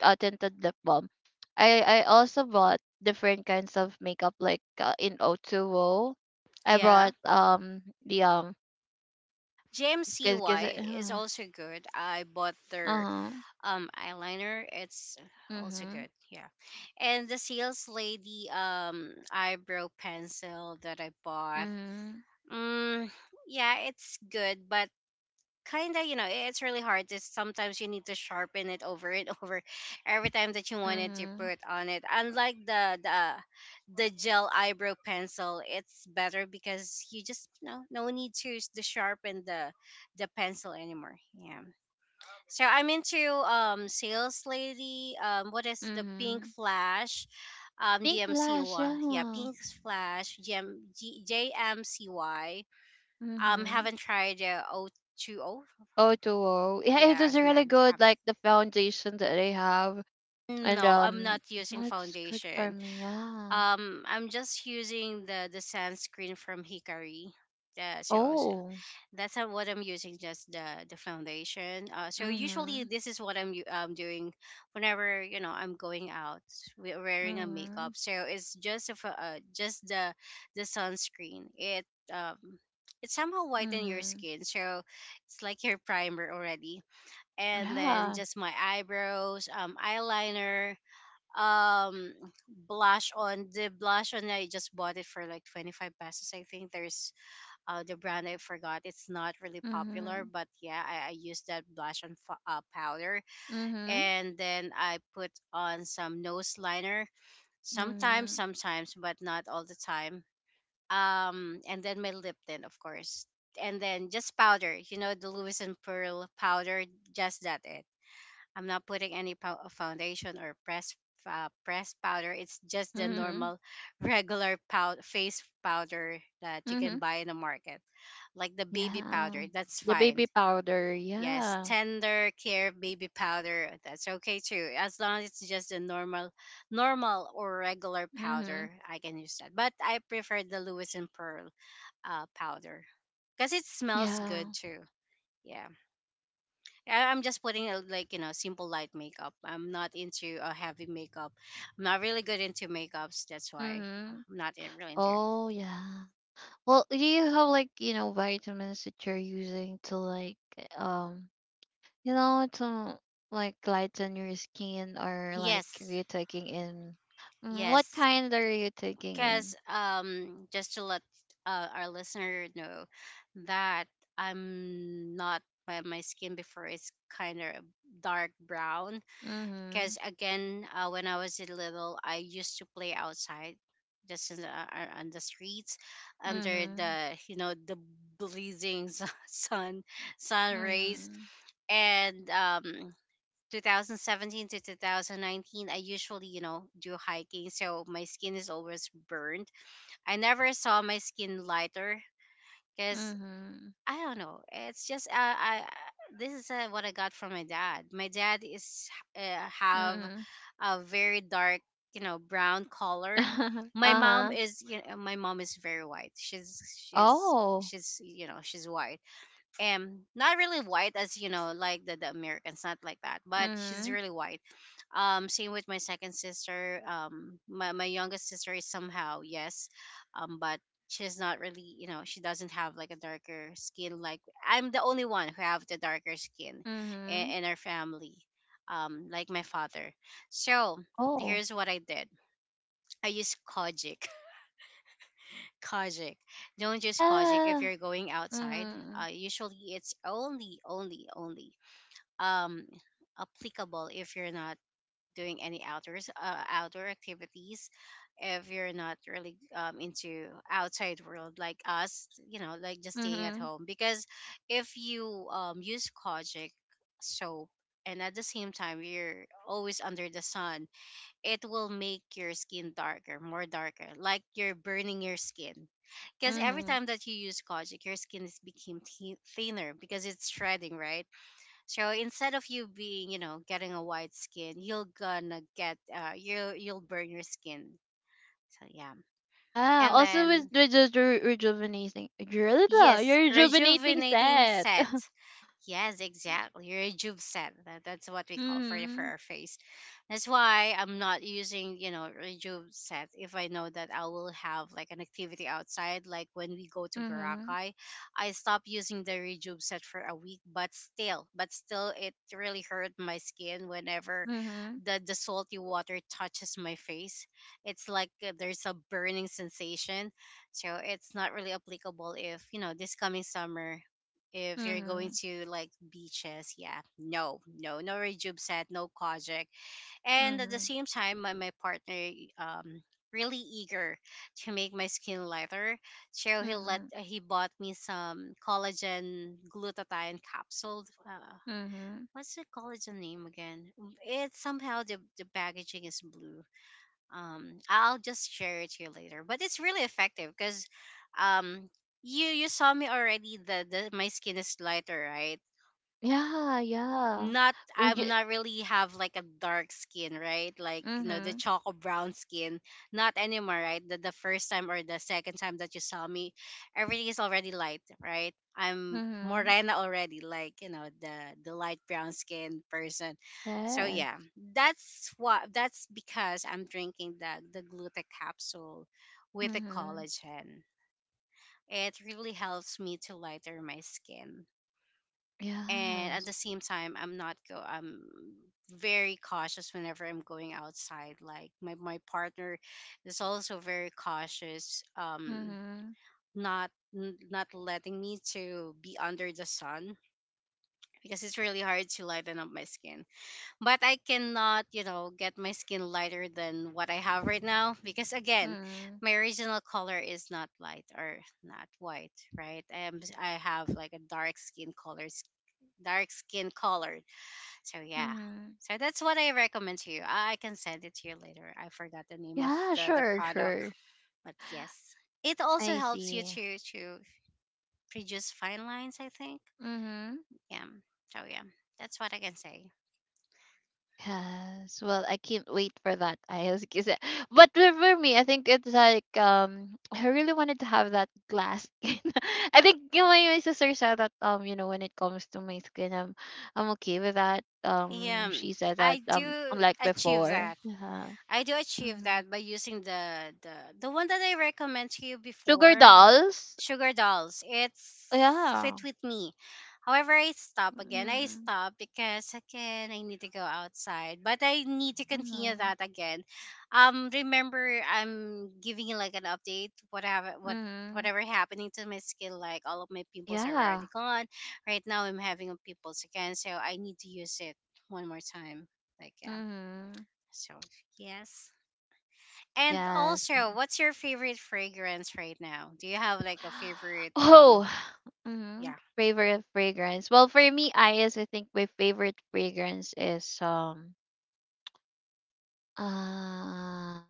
tinted lip balm. I also bought different kinds of makeup like, in o two O. I Yeah. brought the cause, JMCY cause is also good. I bought their uh-huh. Eyeliner, it's also Mm-hmm. good, yeah. And the seals lady eyebrow pencil that I bought, Mhm, mm, yeah, it's good, but kind of, you know, it's really hard to, sometimes you need to sharpen it over and over every time that you wanted to mhm, put on it. Unlike the the gel eyebrow pencil, it's better because you just no, no need to to sharpen the pencil anymore, yeah. So I'm into sales lady. What is the Pink mhm. Flash? Pink blush, GMCY. Yeah, yeah. Pink Flash. GM, JMCY. Mhm. Haven't tried the O2O. Oh, to oh. Yeah, it Yeah, is really none good. Like the foundation that they have, haven't. and No, I'm not using that's good for foundation. me. Yeah. I'm just using the sunscreen from Hikari. Yeah, so Oh. that's how, what I'm using, just the foundation. So usually Mhm. this is what I'm doing whenever, you know, I'm going out, we wearing a Mhm. makeup. So it's just a just the sunscreen. It um it somehow whiten your Mhm. skin, so it's like your primer already. And then Yeah. just my eyebrows, eyeliner, um, blush on. I just bought it for like 25 pesos. I think there's the brand I forgot. It's not really popular, Mhm. but yeah, I used that blush and powder, Mhm. and then I put on some nose liner. Sometimes, Mhm. sometimes, but not all the time. And then my lip tint, of course, and then just powder. The Lewis and Pearl powder. Just that it. I'm not putting any foundation or press. Pressed powder, it's just the Mhm. normal regular face powder that you can Mhm. buy in the market, like the baby Yeah. powder. That's The fine. baby powder. Yes, Yeah. tender care baby powder. That's okay too. As long as it's just a normal, normal or regular Mhm. powder, I can use that. But I prefer the Lewis and Pearl powder because it smells Yeah. good too. Yeah, I'm just putting a, like you know, simple light makeup. I'm not into a heavy makeup. I'm not really good into makeups. That's why Mhm. I'm not really into. Oh, yeah. Well, do you have, like, you know, vitamins that you're using to like um you know, to like lighten your skin, or like Yes, you're taking in? Mm, what yes, kind are you taking because in? Just to let our listener know that I'm not my, my skin before is kind of dark brown. Mhm. Because again, when I was a little, I used to play outside, just in the, on the streets, under Mhm. the, you know, the blazing sun sun sun rays. Mhm. And 2017 to 2019, I usually, you know, do hiking, so my skin is always burned. I never saw my skin lighter because Mhm. I don't know. It's just I. This is what I got from my dad. My dad is have Mhm. a very dark, you know, brown color. My mom uh-huh. is, you know, my mom is very white. She's she's Oh. she's you know, she's white. Not really white, as you know, like the Americans, not like that, but she's Mhm. really white. Same with my second sister. My youngest sister is somehow, yes, but she's not really, you know, she doesn't have like a darker skin. Like, I'm the only one who have the darker skin in, Mhm. in our family, like my father. So Oh. here's what I did. I used Kojic. Kojic. Don't use Kojic if Yeah. you're going outside. Mhm. Usually, it's only um, applicable if you're not doing any outdoors, outdoor activities. If you're not really into outside world like us, you know, like just staying at Mhm. home. Because if you use Kojic soap, and at the same time you're always under the sun, it will make your skin darker, more darker, like you're burning your skin. Because every Mhm. time that you use Kojic, your skin is became thinner because it's shredding, right? So instead of you being, you know, getting a white skin, you're gonna get, you you'll burn your skin. So yeah, Yeah, and also with then the rejuvenating, you're yes, rejuvenating rejuvenating set. set. Yes, exactly. Rejuve set. That's what we call for Hmm. our face. That's why I'm not using, you know, rejuve set if I know that I will have like an activity outside. Like when we go to Mm-hmm. Boracay, I stopped using the rejuve set for a week, but still, it really hurt my skin whenever Mm-hmm. The salty water touches my face. It's like there's a burning sensation, so it's not really applicable if, you know, this coming summer, if you're going Mm-hmm. to like beaches, yeah, no, no, no rejuve set, no Kojic. And at the Mm-hmm. same time, my partner um really eager to make my skin lighter, so Mm-hmm. He bought me some collagen glutathione capsule. Mm-hmm. What's the collagen name again? It's somehow the packaging is blue. I'll just share it to you later, but it's really effective because um you saw me already, the my skin is lighter, right? Yeah, yeah. Not, Well, you, I'm not really have like a dark skin, right? Like, you know, the Mm-hmm. chocolate brown skin. Not anymore, right? The first time or the second time that you saw me, everything is already light, right? I'm Mm-hmm. morena already, like, you know, the light brown skin person. So yeah, yes, that's because I'm drinking the gluta capsule with the Mm-hmm. collagen. It really helps me to lighter my skin. And at the yes. same time, I'm not go I'm very cautious whenever I'm going outside. Like my partner is also very cautious, Mm-hmm. not, not letting me to be under the sun because it's really hard to lighten up my skin. But I cannot, you know, get my skin lighter than what I have right now because again, Mm-hmm. my original color is not light or not white, right? I have like a dark skin colors, dark skin color. So yeah. Hmm. So that's what I recommend to you. I can send it to you later. I forgot the name of Yeah, the sure, product. sure. But yes. It also I helps you see. To reduce fine lines, I think. Mhm. Yeah. So yeah. That's what I can say. Yes. Well, I can't wait for that, Ayos. Because, but for me, I think it's like, I really wanted to have that glass skin. I think, you know, my sister said that, you know, when it comes to my skin, I'm okay with that. Um, Yeah. she said that, I do unlike achieve before. that. Yeah. I do achieve Mm-hmm. that by using the the one that I recommend to you before, Sugar l- Dolls. Sugar Dolls. It's fit Yeah. with me. However, I stop again. I Mm-hmm. stop because again I need to go outside, but I need to continue Mm-hmm. that again. Remember I'm giving you like an update. What Mm-hmm. whatever happening to my skin, like all of my pimples are already Yeah. gone. Right now, I'm having a pimples again, so I need to use it one more time, like, yeah. Mm-hmm. So yes. And Yes. also, what's your favorite fragrance right now? Do you have like a favorite Oh, yeah. mhm, favorite fragrance. Well, for me, Ayes, I think my favorite fragrance is uh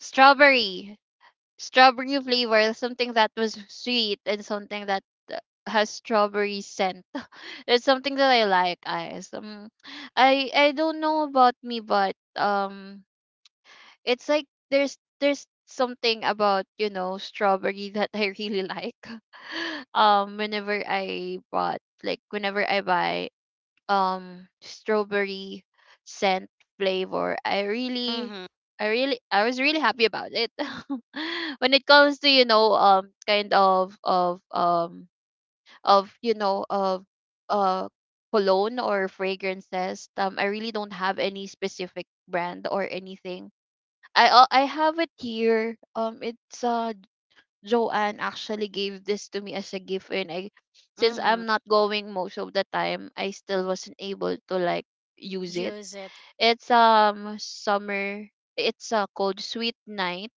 strawberry, strawberry flavor, something that was sweet and something that uh, has strawberry scent. It's something that I like, Ayes. I don't know about me, but it's like there's something about, you know, strawberry that I really like. Whenever I bought, like, whenever I buy strawberry scent flavor, I really Mhm. I really I was really happy about it. When it comes to, you know, kind of of uh cologne or fragrances, I really don't have any specific brand or anything. I I have it here. It's Joanne, actually, gave this to me as a gift, and I since Mhm. I'm not going most of the time, I still wasn't able to, like, use it. Use it. It's summer. It's called Sweet Night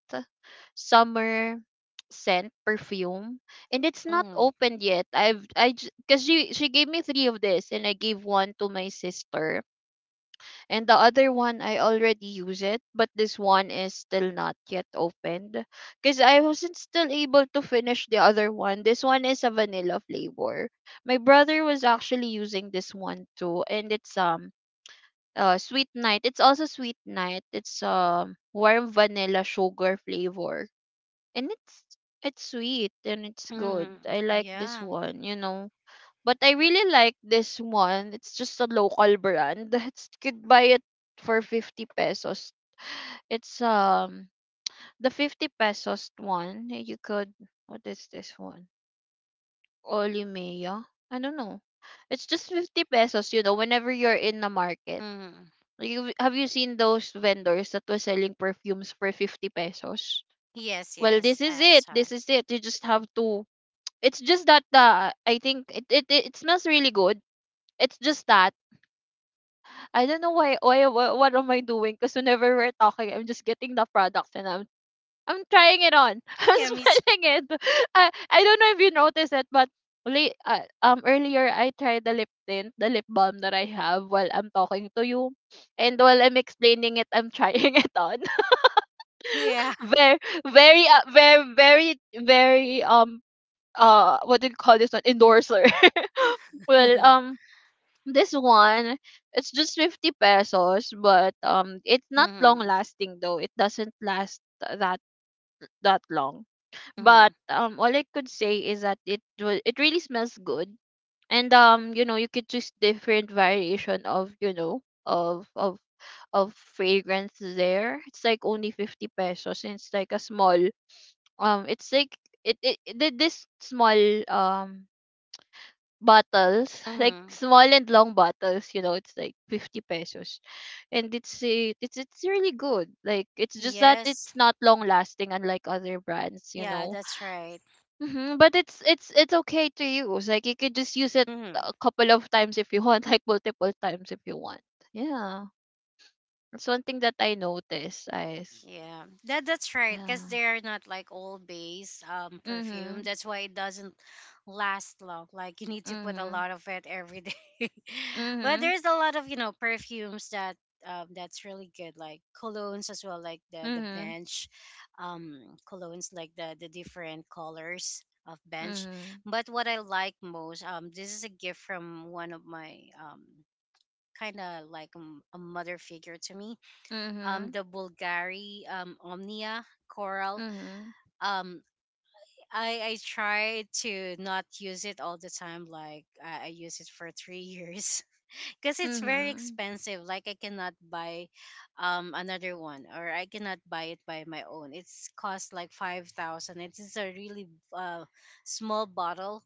Summer scent perfume, and it's not Mhm. opened yet. I've I Because she gave me three of this, and I gave one to my sister, and the other one, I already use it, but this one is still not yet opened because I wasn't still able to finish the other one. This one is a vanilla flavor. My brother was actually using this one too, and it's sweet night. It's also sweet night. It's warm vanilla sugar flavor, and it's sweet and it's good. Mhm. I like this Yeah. one, you know, but I really like this one. It's just a local brand. You could buy it for 50 pesos. It's the 50 pesos one. You could what is this one? Olimea? I don't know. It's just 50 pesos, you know, whenever you're in the market. Mhm. Have you seen those vendors that were selling perfumes for 50 pesos? Yes, Well, this yes. is I it. saw. This is it. You just have to. It's just that the I think it smells really good. It's just that I don't know what am I doing? Because whenever we're talking, I'm just getting the products, and I'm trying it on. I'm Yeah, me smelling it. I don't know if you noticed it, but earlier I tried the lip tint, the lip balm that I have while I'm talking to you, and while I'm explaining it, I'm trying it on. too. Yeah. Very, very, very, very, very, what do you call this one, endorser? Well, Mhm. This one, it's just 50 pesos, but it's not long Mhm. lasting, though. It doesn't last that long, but Mhm. All I could say is that it really smells good. And you know, you could choose different variation of of of fragrance there. It's like only 50 pesos, and it's like a small, it's like it this small, um bottles, like Mhm. small and long bottles, you know, it's like 50 pesos. And it's really good. Like, it's just that Yes. it's not long lasting, unlike other brands, you Yeah, know. that's right. Hmm. But it's okay to use. Like, you could just use it Mhm. a couple of times if you want, like multiple times if you want. Yeah. That's one thing that I noticed, Eyes. Yeah, that that's right. Cause Yeah. they're not like all base perfume. Mhm. That's why it doesn't last long. Like you need to put a Mhm. lot of it every day. But Mhm. there's a lot of, you know, perfumes that that's really good. Like colognes as well. Like the Mhm. bench, um colognes, like the different colors of bench. Mhm. But what I like most, this is a gift from one of my kind of like a mother figure to me, Mhm. the Bulgari, Omnia Coral. Mhm. Um, I try to not use it all the time. Like I use it for 3 years because it's very Mhm. expensive. Like I cannot buy another one, or I cannot buy it by my own. It's cost like 5,000. It is a really uh, small bottle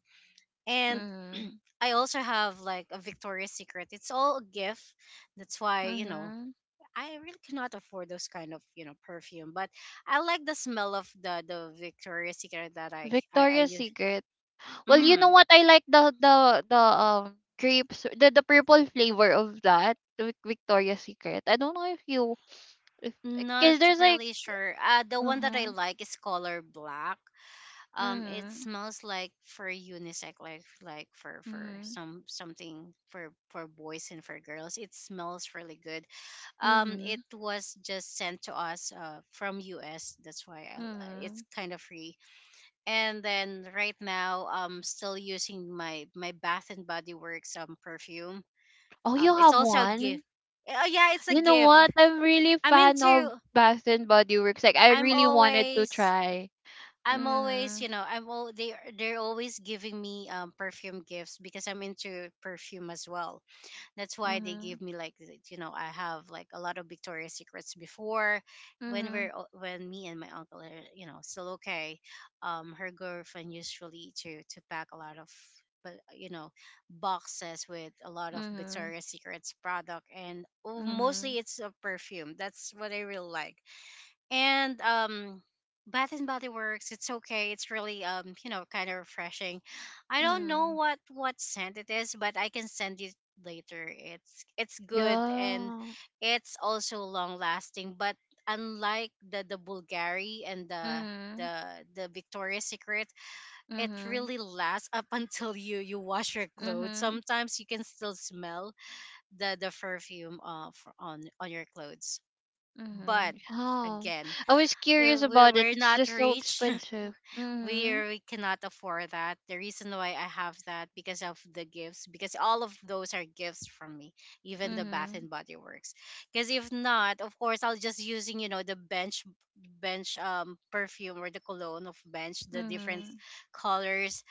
and. Mhm. I also have like a Victoria's Secret. It's all a gift. That's why, you know, Mhm. I really cannot afford those kind of, you know, perfume, but I like the smell of the Victoria's Secret that I Victoria's use. Secret. Well, you know Mm, what? I like the grapes, the purple flavor of that, the Victoria's Secret. I don't know if you if not because there's like. really sure. The one that I Uh-huh. like is color black. It Mhm. smells like for unisex, like for Mhm. some something for boys and for girls. It smells really good. It Mhm. was just sent to us from US. That's why li- it's Mhm. kind of free. And then right now, I'm still using my my Bath and Body Works perfume. Oh, you It's have also a one? gift. Oh yeah, it's a You know what? gift. I'm really I'm fan of into, Bath and Body Works. Like, I I'm really wanted to always, try. I'm always, Mhm. you know, I'm all they they're always giving me perfume gifts because I'm into perfume as well. That's why they Mhm. gave me like you know, I have like a lot of Victoria's Secrets before when Mhm. When me and my uncle are, you know, still okay. Her girlfriend usually to pack a lot of, but you know, boxes with a lot of Mhm. Victoria's Secrets product, and oh, Mhm. mostly it's a perfume. That's what I really like. And Bath and Body Works, it's okay. It's really, you know, kind of refreshing. I don't know Mhm. What scent it is, but I can send it later. It's good and Yeah. it's also long lasting, but unlike the Bulgari and Mhm. the the Victoria's Secret, it Mhm. really lasts up until you wash your clothes. Mhm. Sometimes you can still smell the perfume on your clothes, but Mhm. Oh, again, I was curious if about it. we're It's not just so rich, expensive. Mhm. We cannot afford that. The reason why I have that because of the gifts, because all of those are gifts from me, even the Bath Mhm. and Body Works. Because if not, of course, I'll just using, you know, the bench, bench perfume, or the cologne of bench, the different Mhm. colors,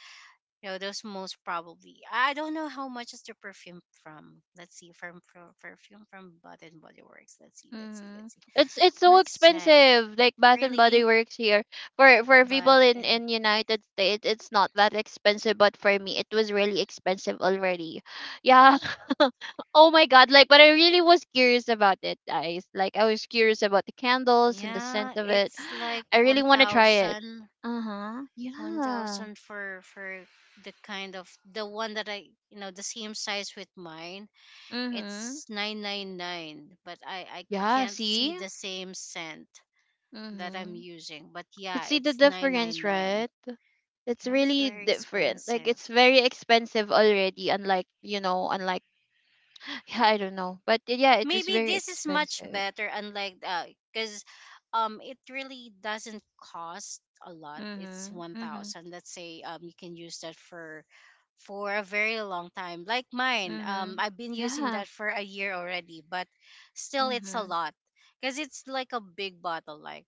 you know, those. Most probably, I don't know how much is the perfume from, let's see, from perfume from Bath and Body Works. Let's see, let's see, Mm-hmm. let's see, It's so let's check. expensive. Like Bath and Really? Body Works here, for But people in and United States, it's not that expensive. But for me, it was really expensive already. Yeah. Oh my God. Like, but I really was curious about it, guys. Like, I was curious about the candles and the scent yeah, of it. it's like I really one want to try it. thousand, Uh huh. one Yeah. thousand for the kind of the one that I, you know, the same size with mine. Mhm. It's 999, but I Yeah. can't see See. the same scent that I'm Mhm. using. But Could yeah, see the it's difference, 999. right? It's Yeah, it's really very different. Like, expensive. it's very expensive already, unlike, you know, unlike yeah, I don't know. But yeah, it was Maybe very this is much expensive. better unlike 'cause because it really doesn't cost a lot. It's Mm-hmm. Mm-hmm. 1,000, let's say. You can use that for a very long time like mine. Mm-hmm. I've been using Yeah. that for a year already, but still it's a Mm-hmm. lot because it's like a big bottle, like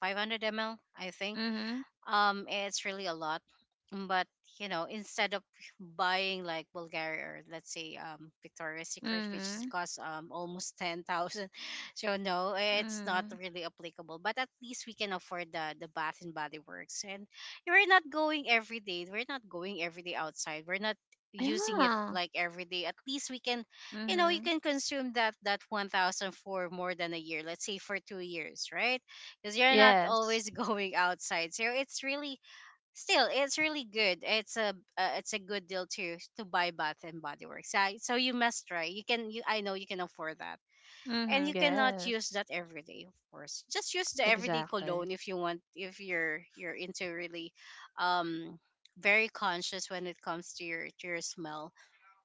500 ml I think. Mm-hmm. It's really a lot. But you know, instead of buying like Bulgari, or let's say Victoria's Secret, which is Mm-hmm. cost almost 10,000, so no, it's not Mm-hmm. really applicable. But at least we can afford the Bath and Body Works, and we're not going every day. We're not going every day outside. We're not using it Yeah. like every day. At least we can, you know, you Mm-hmm. can consume that 1,000 for more than a year. Let's say for 2 years, right? Because you're not Yes. always going outside. So it's really still it's really good. It's a good deal to buy Bath and Body Works. I, so you must try. You can you I know you can afford that, and Mm-hmm. you cannot use Yes. that every day. Of course, just use the everyday Exactly. cologne if you want. If you're into really, um, very conscious when it comes to your smell,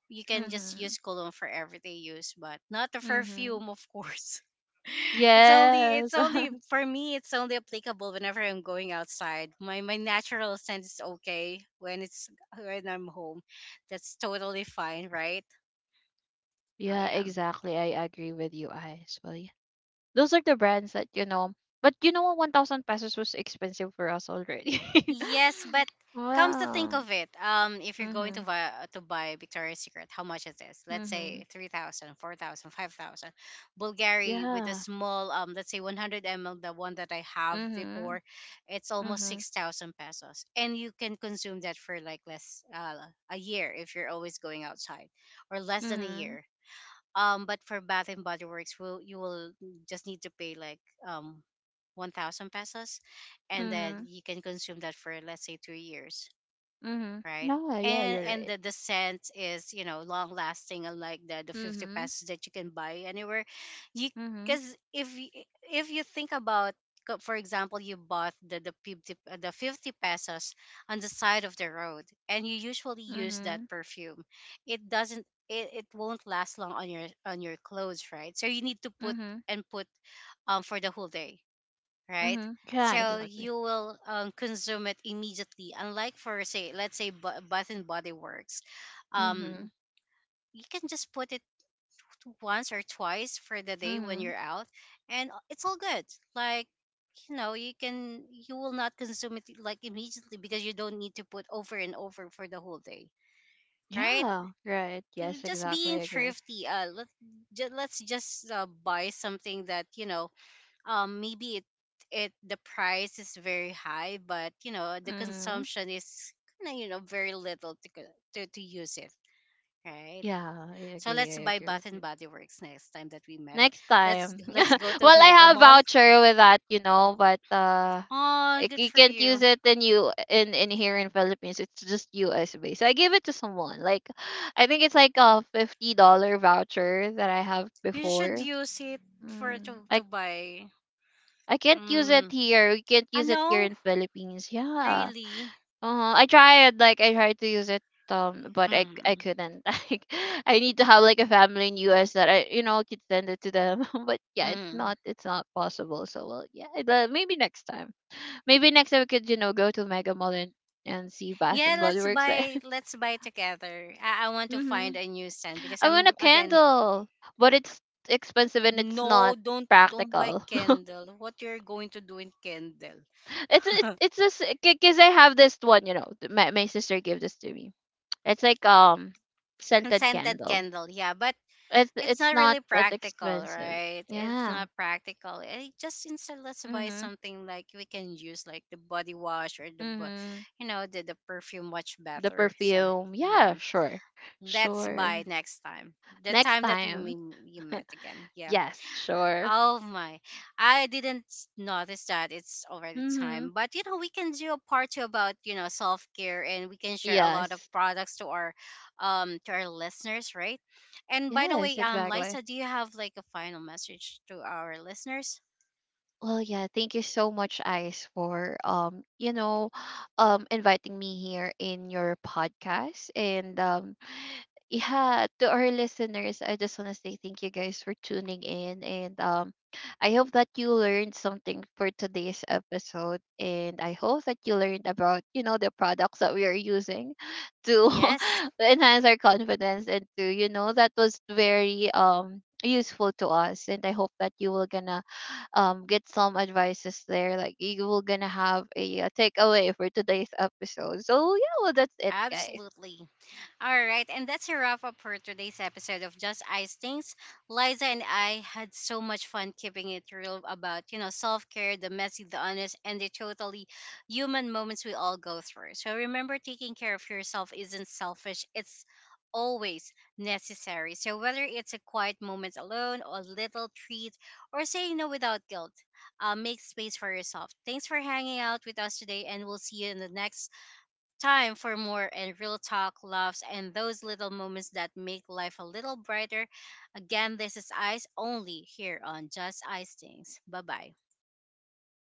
you can just Mm-hmm. use cologne for everyday use, but not a Mm-hmm. perfume, of course. Yes. It's only for me. It's only applicable whenever I'm going outside. My natural scent is okay when it's when I'm home. That's totally fine, right? Oh Yeah, yeah. exactly. I agree with you, I as well. Yeah. Those are the brands that you know. But you know what? 1,000 pesos was expensive for us already. Yes, but comes to think Wow. of it, if you're going to Mm-hmm. Buy Victoria's Secret, how much it is this? Let's Mm-hmm. say 3,000, 4,000, 5,000. Bulgari with a Yeah. small, let's say 100 ml, the one that I have Mm-hmm. before, it's almost Mm-hmm. 6,000 pesos, and you can consume that for like less a year if you're always going outside, or less than a Mm-hmm. year. But for Bath and Body Works, will just need to pay like um 1,000 pesos, and then Mm-hmm. you can consume that for let's say 2 years, Hmm. right? Yeah, yeah, And you're and right. The scent is, you know, long lasting, unlike the 50 Mm-hmm. pesos that you can buy anywhere. You, Mm-hmm. because if you think about, for example, you bought the 50, the 50 pesos on the side of the road, and you usually use Mm-hmm. that perfume. It doesn't, it won't last long on your clothes, right? So you need to put Mm-hmm. and put, for the whole day, right? Mm-hmm. Yeah, So exactly. you will, consume it immediately. Unlike for say, let's say Bath and Body Works, Mm-hmm. um, you can just put it once or twice for the day when Mm-hmm. you're out, and it's all good. Like, you know, you can you will not consume it like immediately because you don't need to put over and over for the whole day, right? Yeah, right. Yes, Just exactly. being I agree. thrifty. Let's just buy something that, you know, maybe it the price is very high, but you know the Mm-hmm. consumption is kind of, you know, very little to, to use it, right? Yeah, I So agree. let's I buy agree Bath with and you. Body Works next time that we met. Next Let's time. Go to Well, I Mega have Mall. voucher with that, you know, but Oh, like, good you for can't use you. it in you in here in Philippines. It's just US based. So I gave it to someone. Like, I think it's like a $50 voucher that I have You should before. use it for Mm. To Like, buy. I can't use it Mm, here. We can't I use it here know. in Philippines. Yeah. Really. Uh-huh. I tried, like I tried to use it, but I Mm, couldn't. Like, I need to have like a family in US that I, you know, could send it to them. But yeah, it's mm. not it's not possible. So, well, yeah, maybe next time. Maybe next time we could, you know, go to Mega Mall, and see Bath Yeah, and Body let's Works. buy, let's buy together. I want to Mm-hmm. find a new scent because I want a I'm again. candle. But it's expensive and it's No, not don't buy practical. candle. What you're going to do in candle? it's it, it's just because I have this one, you know, my sister gave this to me. It's like And scented scented candle. candle, yeah, but It's it's it's not not really that practical, expensive. right? It's Yeah. not practical. Eh, just instead, let's buy Mhm. something like we can use, like the body wash or the, Mhm. you know, the perfume much The better. So perfume. yeah, Yeah, sure. let's buy Sure. next time. The Next time that time. We met again, yeah. Yes, sure. Oh my, I didn't s- notice that it's already Mhm. time. But you know, we can do a part two about, you know, self care, and we can share a lot of Yes. products to our listeners, right? And by the Yes, way, exactly. Lisa, do you have like a final message to our listeners? Well, yeah, thank you so much, Ice, for you know, inviting me here in your podcast. And yeah, to our listeners, I just want to say thank you guys for tuning in, and I hope that you learned something for today's episode, and I hope that you learned about, you know, the products that we are using to Yes, enhance our confidence and to, that was very useful to us, and I hope that you will gonna get some advices there, like you will gonna have a, takeaway for today's episode. So yeah, well, that's it, guys. absolutely. All right, and that's a wrap up for today's episode of Just Ice Things. Liza and I had so much fun keeping it real about, you know, self care, the messy, the honest, and the totally human moments we all go through. So remember, taking care of yourself isn't selfish, it's always necessary. So whether it's a quiet moment alone, or a little treat, or saying no without guilt, make space for yourself. Thanks for hanging out with us today, and we'll see you in the next Time for more and real talk, loves, and those little moments that make life a little brighter. Again, this is Ice only here on Just Ice Things. Bye bye.